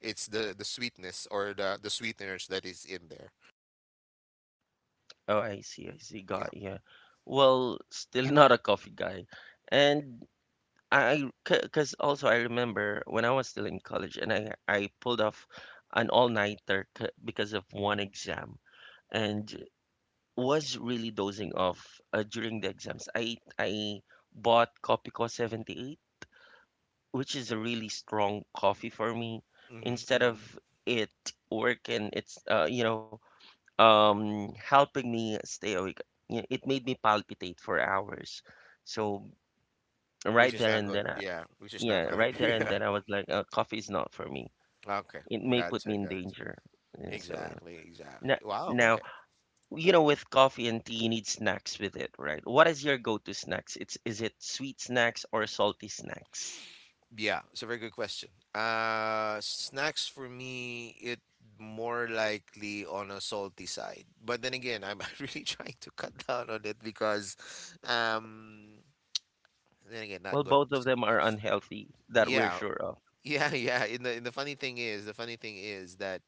B: It's the sweetness or the sweeteners that is in there.
A: Oh I see, I see,
B: Yeah.
A: got yeah. Well, still, [LAUGHS] not a coffee guy. And I because also I remember when I was still in college and I pulled off an all-nighter because of one exam, and was really dozing off during the exams. I bought Copico 78, which is a really strong coffee for me.
B: Mm-hmm,
A: Instead
B: mm-hmm.
A: of it working, it's helping me stay awake. You know, it made me palpitate for hours. So
B: Which
A: right
B: is
A: there
B: not
A: and
B: good.
A: then, I,
B: Yeah, which is not
A: yeah,
B: good.
A: right
B: [LAUGHS]
A: there and
B: Yeah.
A: then I was like, coffee is not for me.
B: Okay.
A: It may put
B: Gotcha,
A: me in
B: gotcha.
A: danger. Yeah, so yeah.
B: Exactly,
A: Now,
B: exactly. Wow,
A: now,
B: okay.
A: you know, with coffee and tea, you need snacks with it, right? What is your go-to snacks? It's is it sweet snacks or salty snacks?
B: Yeah, it's a very good question. Snacks for me, it more likely on a salty side. But then again, I'm [LAUGHS] really trying to cut down on it because, um, then again, not
A: Well,
B: good.
A: both of them are unhealthy, that we're
B: Yeah,
A: sure of.
B: yeah, [LAUGHS] yeah. And the funny thing is, the funny thing is that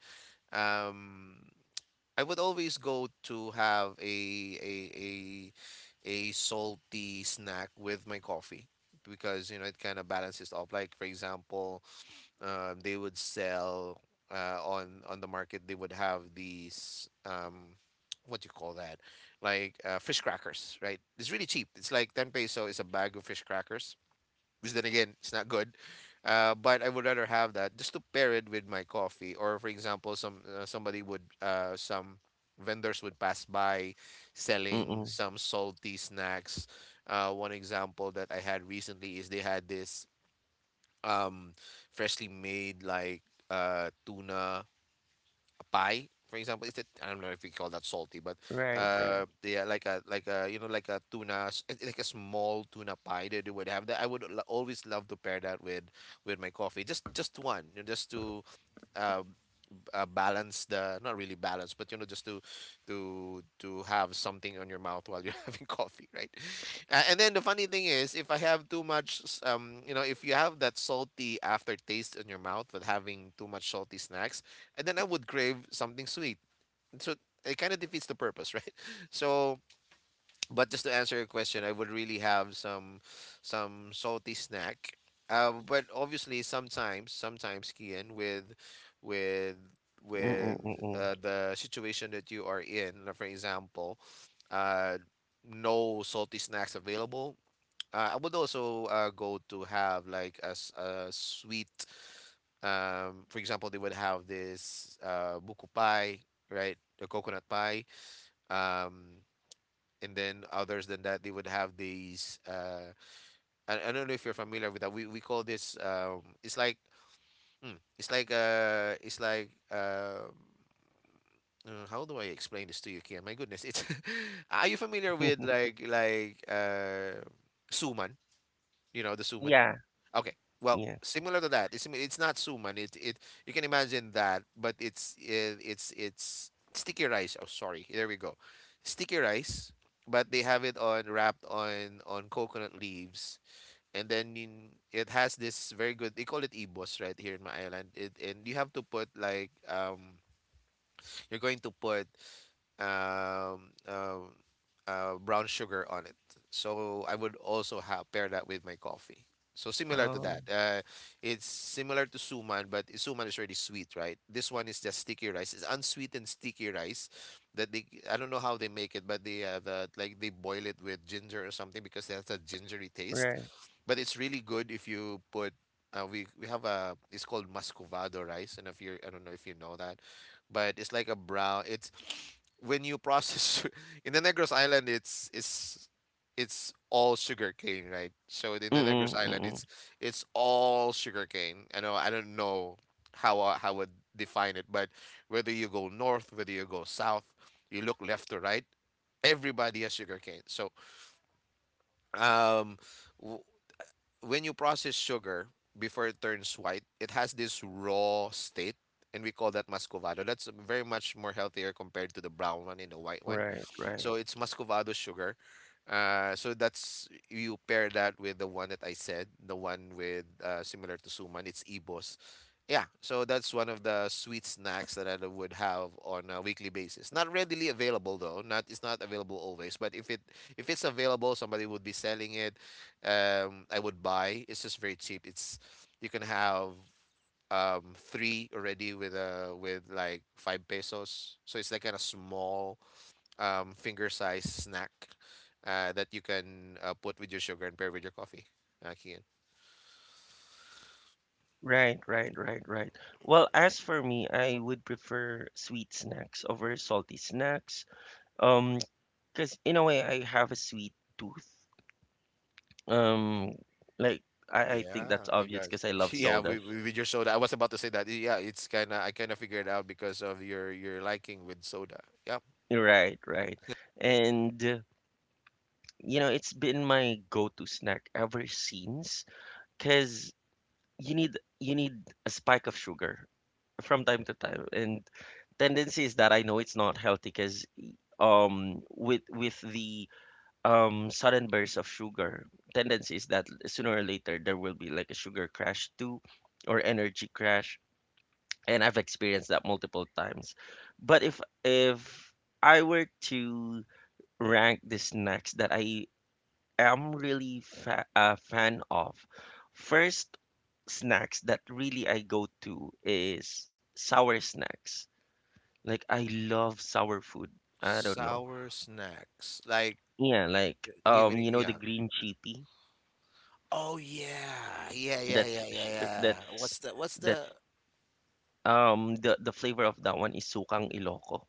B: um, I would always go to have a salty snack with my coffee because you know it kind of balances off. Like for example, they would sell on the market. They would have these what do you call that? Like fish crackers, right? It's really cheap. It's like 10 peso is a bag of fish crackers. Which then again, it's not good. But I would rather have that just to pair it with my coffee. Or for example, some somebody would some vendors would pass by selling
A: Mm-mm.
B: some salty snacks. One example that I had recently is they had this um freshly made like tuna pie, for example, is it? I don't know if we call that salty, but
A: Right, right.
B: yeah, like a like a, you know, like a tuna like a small tuna pie that they would have, that I would always love to pair that with my coffee, just one, you know, just to um balance the, not really balance, but you know just to have something on your mouth while you're [LAUGHS] having coffee, right? And then the funny thing is, if I have too much, you know, if you have that salty aftertaste in your mouth with having too much salty snacks, and then I would crave something sweet. So it kind of defeats the purpose, [LAUGHS] right? So but just to answer your question, I would really have some salty snack. But obviously, sometimes, Kian, with
A: Mm-mm,
B: with
A: mm-mm.
B: uh, the situation that you are in, like for example, uh, no salty snacks available. I would also go to have like a sweet. For example, they would have this buko pie, right? The coconut pie. Um, and then others than that they would have these. I don't know if you're familiar with that we call this it's like it's like it's like how do I explain this to you, Kian? My goodness, it's [LAUGHS] are you familiar with like suman? You know the suman?
A: Yeah,
B: Okay. Well,
A: yeah.
B: similar to that. It's not suman. It, you can imagine that, but it's it, it's sticky rice. Oh, sorry. There we go. Sticky rice, but they have it on wrapped on coconut leaves, and then in, it has this very good. They call it ibos right here in my island. It and you have to put like you're going to put um, um, brown sugar on it. So I would also have pair that with my coffee. So similar to that,
A: Oh,
B: it's similar to suman, but suman is already sweet, right? This one is just sticky rice. It's unsweetened sticky rice that they I don't know how they make it, but they have that like they boil it with ginger or something because it has a gingery taste.
A: right.
B: But it's really good if you put. We have a it's called muscovado rice, and if you I don't know if you know that, but it's like a brown. It's when you process [LAUGHS] in the Negros Island, it's all sugarcane, right? So in the Negros
A: Mm-mm,
B: Island,
A: mm-mm.
B: it's all sugarcane. I know I don't know how I would define it, but whether you go north, whether you go south, you look left to right, everybody has sugarcane. Um, w- when you process sugar before it turns white, it has this raw state, and we call that muscovado. That's very much more healthier compared to the brown one and the white one.
A: Right, right.
B: So it's muscovado sugar. So that's you pair that with the one that I said, the one with similar to suman. It's ibos. Yeah, so that's one of the sweet snacks that I would have on a weekly basis. Not readily available though. Not it's not available always, but if it's available, somebody would be selling it I would buy. It's just very cheap. It's you can have three already with like five pesos. So it's like kind of small finger size snack that you can put with your sugar and pair with your coffee. Kian.
A: Right, right, right, right. Well, as for me, I would prefer sweet snacks over salty snacks. Um, because in a way, I have a sweet tooth. Um, like I think
B: Yeah,
A: that's
B: I
A: obvious
B: guess.
A: because I
B: [LAUGHS]
A: love
B: Yeah,
A: sodas.
B: with your soda. I was about to say that. Yeah, it's kind of I kind of figured out because of your liking with soda. Yep.
A: Right, right. And you know, it's been my go-to snack ever since because you need you need a spike of sugar from time to time. And tendency is that I know it's not healthy because with the sudden burst of sugar, tendency is that sooner or later there will be like a sugar crash too, or energy crash, and I've experienced that multiple times. But if I were to rank the snacks that I am really a fan of, first, snacks that really I go to is sour snacks. Like I love sour food. I don't know.
B: Sour snacks. Like
A: Yeah, like
B: giving
A: you know, the
B: yeah.
A: green chili.
B: Oh yeah. Yeah, yeah, yeah, yeah, yeah.
A: That's
B: What's the
A: that's the flavor of that one is sukang Ilocos.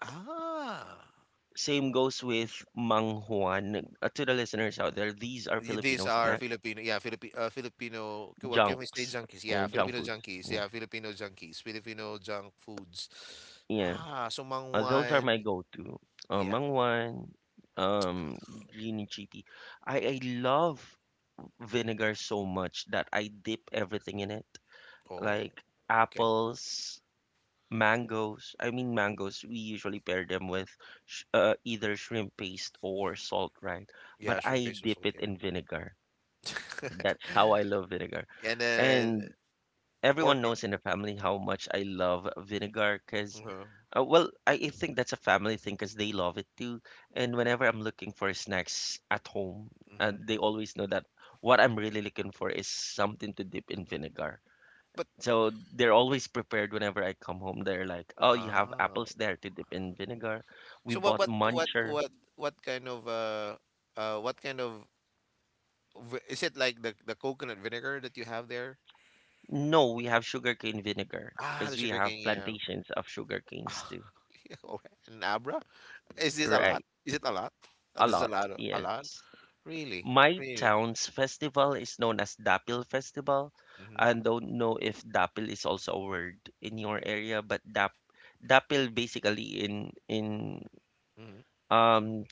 B: ah.
A: Same goes with manghuan. To the listeners out there, these are
B: Y- These
A: Filipino
B: are
A: snacks,
B: Filipino, yeah, Filipino, c- what can we say,
A: junks,
B: junkies? Yeah,
A: junk
B: Filipino
A: foods.
B: junkies.
A: Yeah,
B: Yeah, Filipino junkies. Filipino junk foods.
A: yeah.
B: Ah, so
A: Those are my
B: mangwan.
A: go-to.
B: Yeah.
A: Manghuan, um, green chiti. I love vinegar so much that I dip everything in it,
B: Oh,
A: like
B: okay.
A: apples, mangoes. I mean mangoes. We usually pair them with sh either shrimp paste or salt, right? But
B: Yeah, shrimp
A: I
B: pesto
A: dip
B: salt,
A: it
B: yeah.
A: in vinegar.
B: [LAUGHS]
A: That's how I love vinegar.
B: And then
A: And everyone
B: pork.
A: knows in the family how much I love vinegar because,
B: Uh-huh.
A: well, I think that's a family thing because they love it too. And whenever I'm looking for snacks at home,
B: hmm
A: they
B: hmm
A: always know that what I'm really looking for is something to dip in vinegar.
B: But
A: So they're always prepared whenever I come home. They're like, oh, you have
B: wow.
A: apples there to dip in vinegar. We
B: So
A: bought muncher.
B: what kind of v- is it like the coconut vinegar that you have there?
A: No, we have sugarcane vinegar
B: Ah, the
A: because we
B: sugar
A: have
B: cane, yeah.
A: plantations of sugarcanes
B: Ah,
A: too.
B: [LAUGHS] Yeah, all right. And Abra? Is this a lot?
A: Right.
B: Is it a lot?
A: A
B: This is a
A: lot.
B: lot. Of- A
A: Yes.
B: lot? Really?
A: My
B: Really?
A: town's festival is known as Dapil Festival.
B: Mm-hmm.
A: I don't know if Dapil is also a word in your area, but Dapil basically in
B: Mm-hmm.
A: um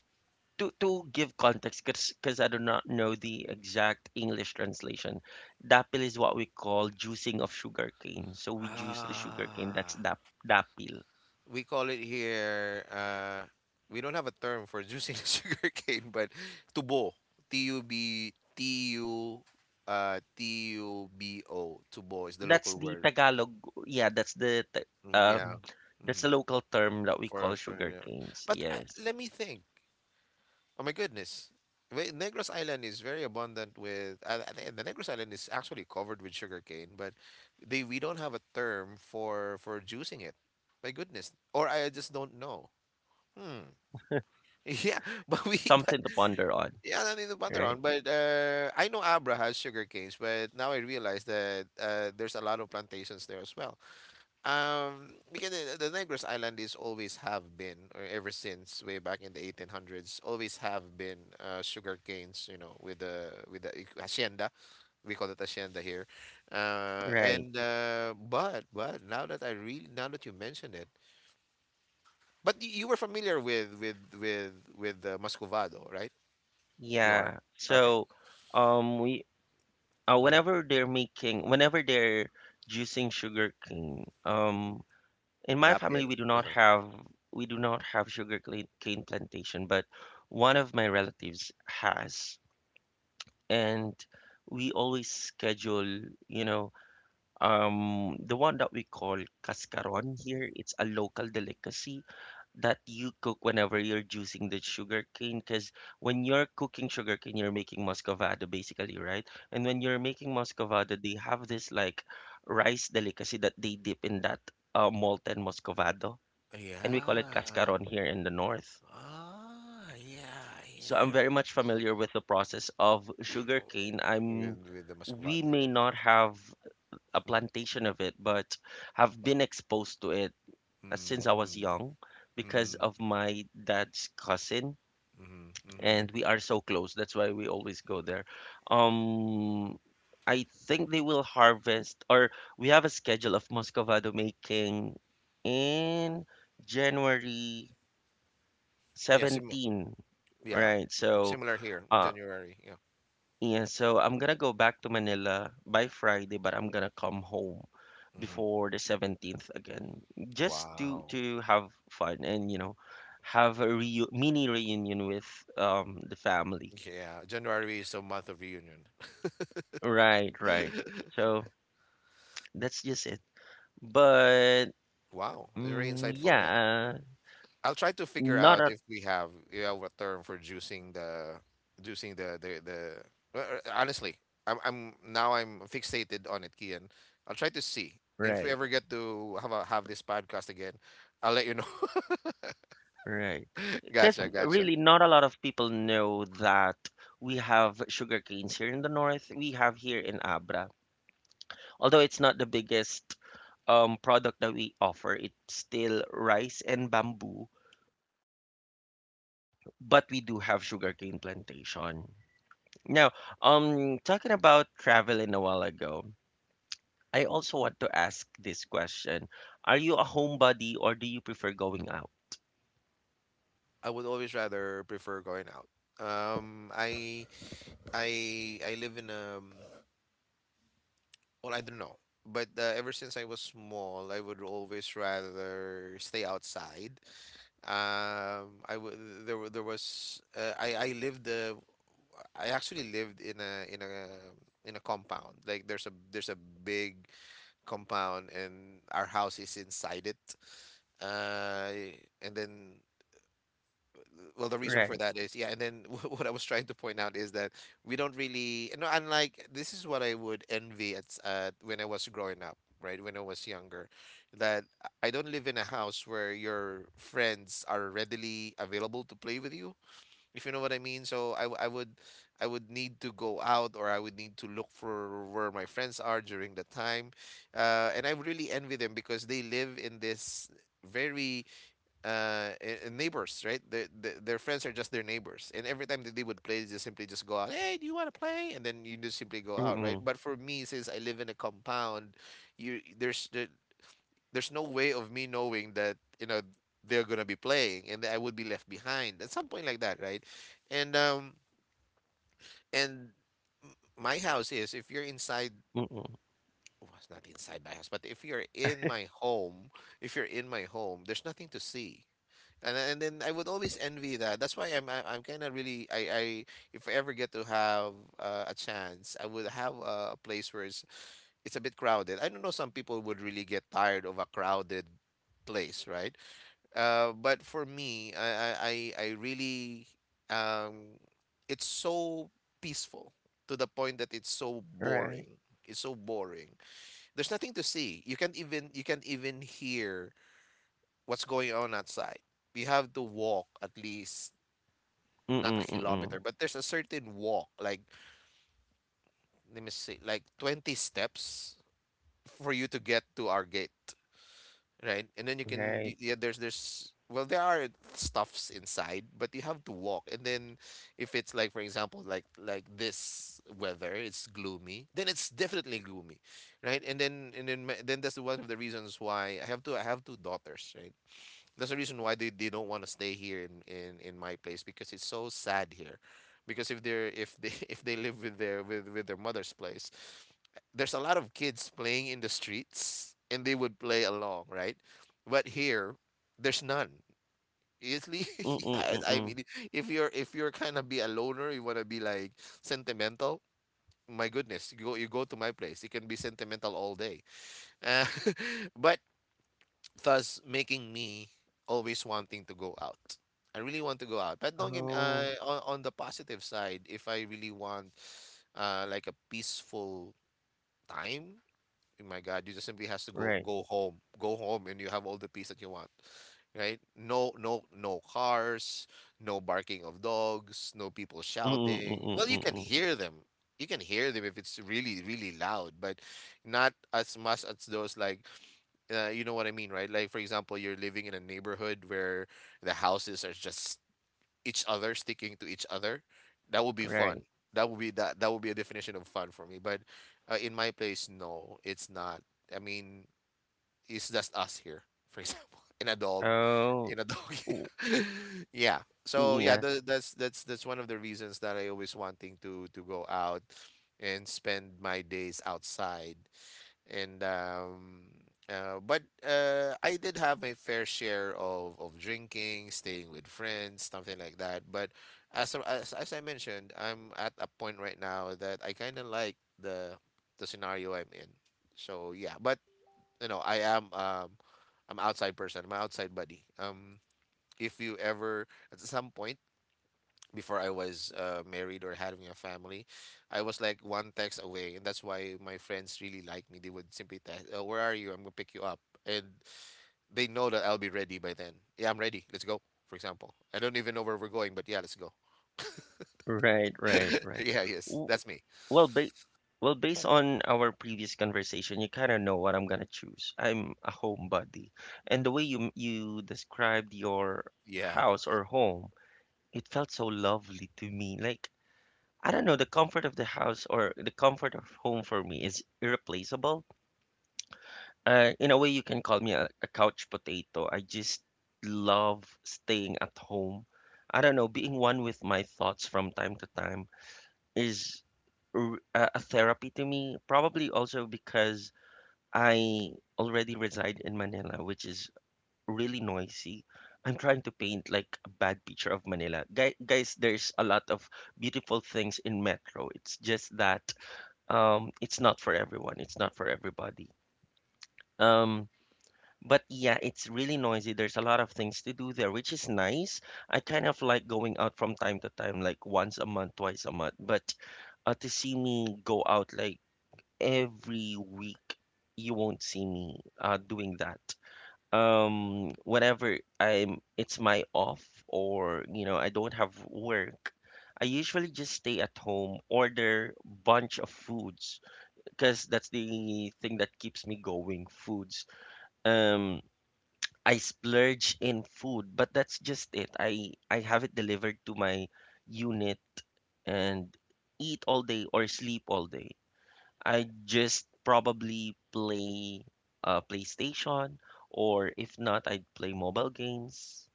A: to give context, because I do not know the exact English translation. Dapil is what we call juicing of sugarcane. So we juice the sugarcane. That's
B: Ah,
A: Dapil.
B: we call it here. We don't have a term for juicing the [LAUGHS] sugar cane, but tubo. T U B T U Tubo. Tubo is the
A: That's
B: local
A: the
B: word.
A: Tagalog. Yeah, that's the
B: Mm, yeah.
A: that's
B: Mm-hmm.
A: the local term that we call
B: For yeah.
A: sugarcanes. Yes.
B: Let me think. Oh my goodness. Wait, Negros Island is very abundant with the Negros Island is actually covered with sugarcane, but they we don't have a term for juicing it. My goodness. Or I just don't know. Hmm. [LAUGHS] Yeah, but we [LAUGHS] but
A: Something to ponder on.
B: yeah, I mean the
A: Right,
B: Pantaron. But I know Abra has sugar canes, but now I realize that there's a lot of plantations there as well. Because the Negros Island is always have been, or ever since way back in the 1800s, always have been sugar canes. You know, with the hacienda, we call it hacienda here.
A: right.
B: And but now that I really now that you mention it, but y- you were familiar with the Muscovado, right? You are
A: Yeah,
B: okay.
A: so we
B: Mm-hmm.
A: whenever they're making, whenever they're juicing sugar cane, in my
B: Dapil.
A: family we do not
B: Uh-huh.
A: have, we do not have sugar cane plantation, but one of my relatives has. And we always schedule, you know, the one that we call cascaron here. It's a local delicacy that you cook whenever you're juicing the sugarcane, because when you're cooking sugarcane you're making muscovado basically, right? And when you're making muscovado they have this like rice delicacy that they dip in that molten muscovado, and we call it
B: Yeah.
A: cascaron here in the north.
B: Ah, yeah,
A: So I'm
B: yeah.
A: very much familiar with the process of sugarcane I'm
B: With the
A: We
B: muscovado and
A: may
B: everything.
A: not have a plantation of it but have been exposed to it
B: Yeah.
A: since I was
B: Mm,
A: young
B: mm,
A: because
B: mm,
A: of my dad's cousin,
B: mm-hmm, mm-hmm.
A: and we are so close. That's why we always go there. Um, I think they will harvest, or we have a schedule of Muscovado making in January
B: Yeah, sim
A: 17,
B: yeah,
A: right? So,
B: similar here in
A: uh,
B: January. Yeah.
A: yeah, so I'm gonna go back to Manila by Friday, but I'm gonna come home
B: hmm
A: before the 17th again, just to
B: Wow.
A: to have fun and, you know, have a reu mini reunion with the family.
B: Yeah, January is the month of reunion.
A: Right, right. So that's just it. But
B: Wow, very
A: mm,
B: insightful. Yeah,
A: yeah,
B: I'll try to figure
A: not
B: out
A: a
B: if we have a term for juicing the. Honestly, I'm now I'm fixated on it, Kian. I'll try to see if we
A: right,
B: ever get to have have this podcast again. I'll let you know.
A: right. Because
B: Gotcha, gotcha.
A: really, not a lot of people know that we have sugar canes here in the north. We have here in Abra. Although it's not the biggest product that we offer, it's still rice and bamboo. But we do have sugarcane plantation. Now, talking about traveling a while ago. I also want to ask this question. Are you a homebody or do you prefer going out?
B: I would always rather prefer going out. Um, I I live in. Well, I don't know, but ever since I was small, I would always rather stay outside. I w there wa- There was I lived I actually lived in a compound. Like there's a big compound and our house is inside it. And then Well the reason for
A: Right.
B: that is yeah and then [LAUGHS] what I was trying to point out is that we don't really, you know, unlike this is what I would envy when I was growing up, right, when I was younger, that I don't live in a house where your friends are readily available to play with you, if you know what I mean. So I would, I would need to go out or I would need to look for where my friends are during the time. And I would really envy them because they live in this very uh, neighbors, right? Their friends are just their neighbors, and every time that they would play, they just simply just go out. Hey, do you want to play? And then you just simply go out, right?
A: Mm-mm.
B: But for me, since I live in a compound, you there's there, there's no way of me knowing that, you know, they're gonna be playing, and I would be left behind at some point like that, right? And um and my house is if you're inside.
A: Mm-mm.
B: Well, it's not inside my house, but if you're in my home, if you're in my home, there's nothing to see. And then I would always envy that. That's why I'm kind of really I, if I ever get to have a chance, I would have a place where it's a bit crowded. I don't know, some people would really get tired of a crowded place, right? But for me, I really um it's so peaceful to the point that it's so
A: Right.
B: boring. It's so boring. There's nothing to see. You can't even hear what's going on outside. We have to walk at least not a
A: Mm-mm. Mm-mm.
B: kilometer, but there's a certain walk, like let me see, like 20 steps for you to get to our gate, right? And then you can, y-
A: Right.
B: yeah, there's well, there are stuffs inside, but you have to walk. And then if it's like, for example, like this weather, it's gloomy, then it's definitely gloomy, right? And then that's one of the reasons why I have two daughters, right? That's the reason why they don't want to stay here in my place because it's so sad here. Because if they [LAUGHS] if they live with their mother's place, there's a lot of kids playing in the streets and they would play along, right? But here, there's none. It's li- [LAUGHS]
A: Mm-mm.
B: yeah, I
A: Mm-mm.
B: mean, if you're kind of be a loner, you wanna be like sentimental. My goodness, you go to my place. You can be sentimental all day. Uh, [LAUGHS] but thus making me always wanting to go out. I really want to go out, but don't get me uh,
A: Oh.
B: on, on the positive side. If I really want like a peaceful time, oh my God, you just simply has to
A: Right.
B: go home, and you have all the peace that you want, right? No, no cars, no barking of dogs, no people
A: Mm-mm.
B: shouting.
A: Mm-mm.
B: Well, you can
A: Mm-mm.
B: hear them. You can hear them if it's really, really loud, but not as much as those like you know what I mean, right? Like for example, you're living in a neighborhood where the houses are just each other sticking to each other. That would be fun.
A: Right.
B: That would be a definition of fun for me. But in my place, no, it's not. I mean, it's just us here, for example, [LAUGHS]
A: Oh.
B: in a dog.
A: W-.
B: [LAUGHS] yeah.
A: Yeah.
B: That's one of the reasons that I always wanting to go out and spend my days outside and but I did have my fair share of drinking, staying with friends, something like that. But as I mentioned, I'm at a point right now that I kind of like the scenario I'm in. So yeah, but you know, I am I'm outside person. I'm a outside buddy. If you ever at some point before I was married or having a family, I was like one text away, and that's why my friends really like me. They would simply text, oh, "Where are you? I'm gonna pick you up," and they know that I'll be ready by then. Yeah, I'm ready. Let's go. For example, I don't even know where we're going, but yeah, let's go.
A: Right. Right.
B: [LAUGHS]
A: Right.
B: yeah, yes,
A: W-
B: that's me.
A: Well, ba well, based on our previous conversation, you kind of know what I'm gonna choose. I'm a homebody, and the way you described your
B: Yeah,
A: house or home, it felt so lovely to me. Like, I don't know, the comfort of the house or the comfort of home for me is irreplaceable. In a way, you can call me a couch potato. I just love staying at home. I don't know, being one with my thoughts from time to time is a therapy to me. Probably also because I already reside in Manila, which is really noisy. I'm trying to paint like a bad picture of Manila. Guys, there's a lot of beautiful things in Metro. It's just that it's not for everyone. It's not for everybody. Um, but yeah, it's really noisy. There's a lot of things to do there, which is nice. I kind of like going out from time to time, like once a month, twice a month. But to see me go out like every week, you won't see me doing that whenever I'm it's my off, or you know, I don't have work, I usually just stay at home, order bunch of foods because that's the thing that keeps me going, foods. Um, I splurge in food, but that's just it. I have it delivered to my unit and eat all day or sleep all day. I just probably play PlayStation, or if not, I'd play mobile games.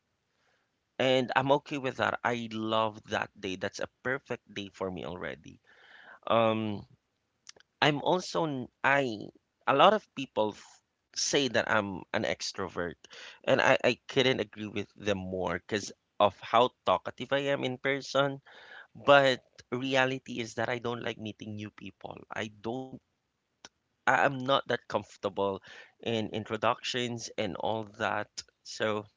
A: And I'm okay with that. I love that day. That's a perfect day for me already. Um, I'm also n- I A lot of people say that I'm an extrovert, and I couldn't agree with them more because of how talkative I am in person. But reality is that I don't like meeting new people. I am not that comfortable in introductions and all that. So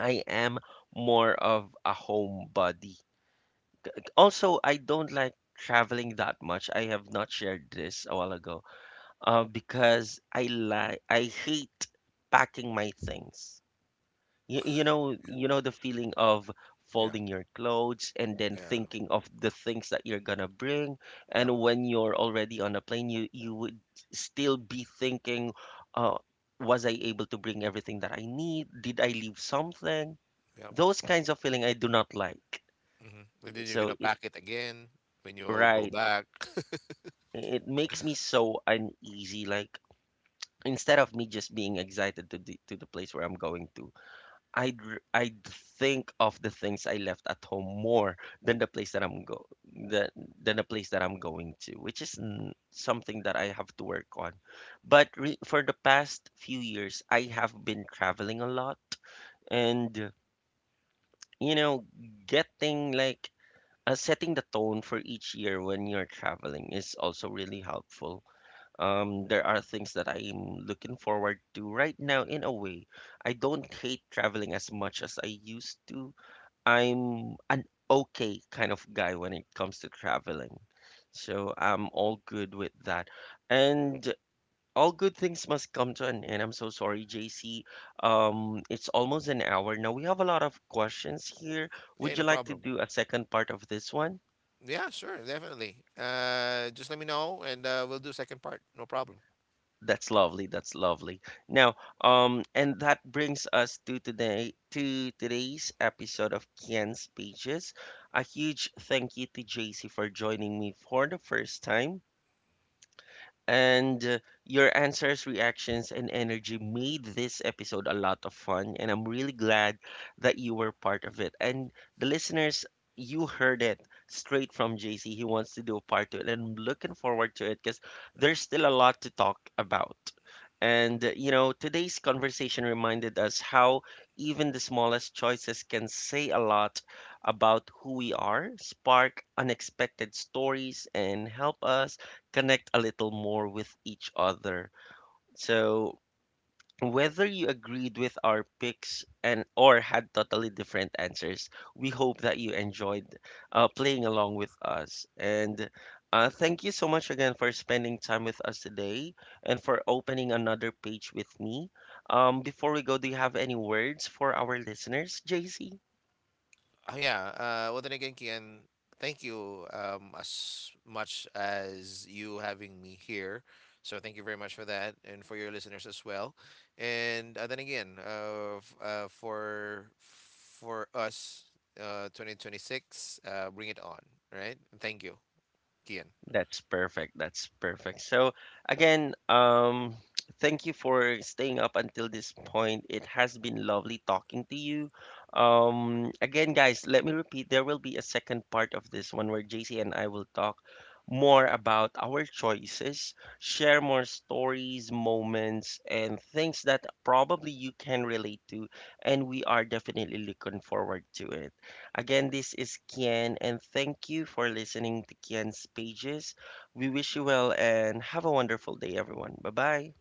A: I am more of a homebody. Also, I don't like traveling that much. I have not shared this a while ago. Because I hate packing my things.
B: yeah,
A: You know the feeling of
B: yeah,
A: folding your clothes and then
B: yeah,
A: thinking of the things that you're gonna bring.
B: yep,
A: And when you're already on a plane, you would still be thinking, uh, was I able to bring everything that I need? Did I leave something?
B: yep.
A: Those kinds of feeling I do not like.
B: hmm And then you're
A: So
B: gonna
A: it
B: pack it again when you go
A: right,
B: back. [LAUGHS]
A: it makes me so uneasy. Like instead of me just being excited to the, to the place where I'm going to, I'd think of the things I left at home more than the place that I'm go than than the place that I'm going to, which is something that I have to work on. But re for the past few years, I have been traveling a lot, and you know, getting like, setting the tone for each year when you're traveling is also really helpful. There are things that I'm looking forward to right now in a way. I don't hate traveling as much as I used to. I'm an okay kind of guy when it comes to traveling. So I'm all good with that. And all good things must come to an end. I'm so sorry, JC. It's almost an hour now. We have a lot of questions here. Would
B: Yeah,
A: you
B: no
A: like to
B: problem.
A: do a second part of this one?
B: Yeah, sure, definitely. Just let me know, and we'll do second part. No problem.
A: That's lovely. That's lovely. Now, and that brings us to today, to today's episode of Kian's Pages. A huge thank you to JC for joining me for the first time. And your answers, reactions, and energy made this episode a lot of fun. And I'm really glad that you were part of it. And the listeners, you heard it straight from JC. He wants to do a part two. And I'm looking forward to it because there's still a lot to talk about. And, you know, today's conversation reminded us how even the smallest choices can say a lot about who we are, spark unexpected stories, and help us connect a little more with each other. So, whether you agreed with our picks, and or had totally different answers, we hope that you enjoyed playing along with us. And thank you so much again for spending time with us today and for opening another page with me. Before we go, do you have any words for our listeners, JC?
B: Oh yeah. Well then again, Kian, thank you as much as you having me here. So thank you very much for that, and for your listeners as well. And then again, f- For us, 2026, bring it on, right? Thank you, Kian.
A: That's perfect. That's perfect. So again, thank you for staying up until this point. It has been lovely talking to you. Again, guys, let me repeat, there will be a second part of this one where JC and I will talk more about our choices, share more stories, moments, and things that probably you can relate to, and we are definitely looking forward to it. Again, this is Kian, and thank you for listening to Kian's pages. We wish you well and have a wonderful day, everyone. Bye bye.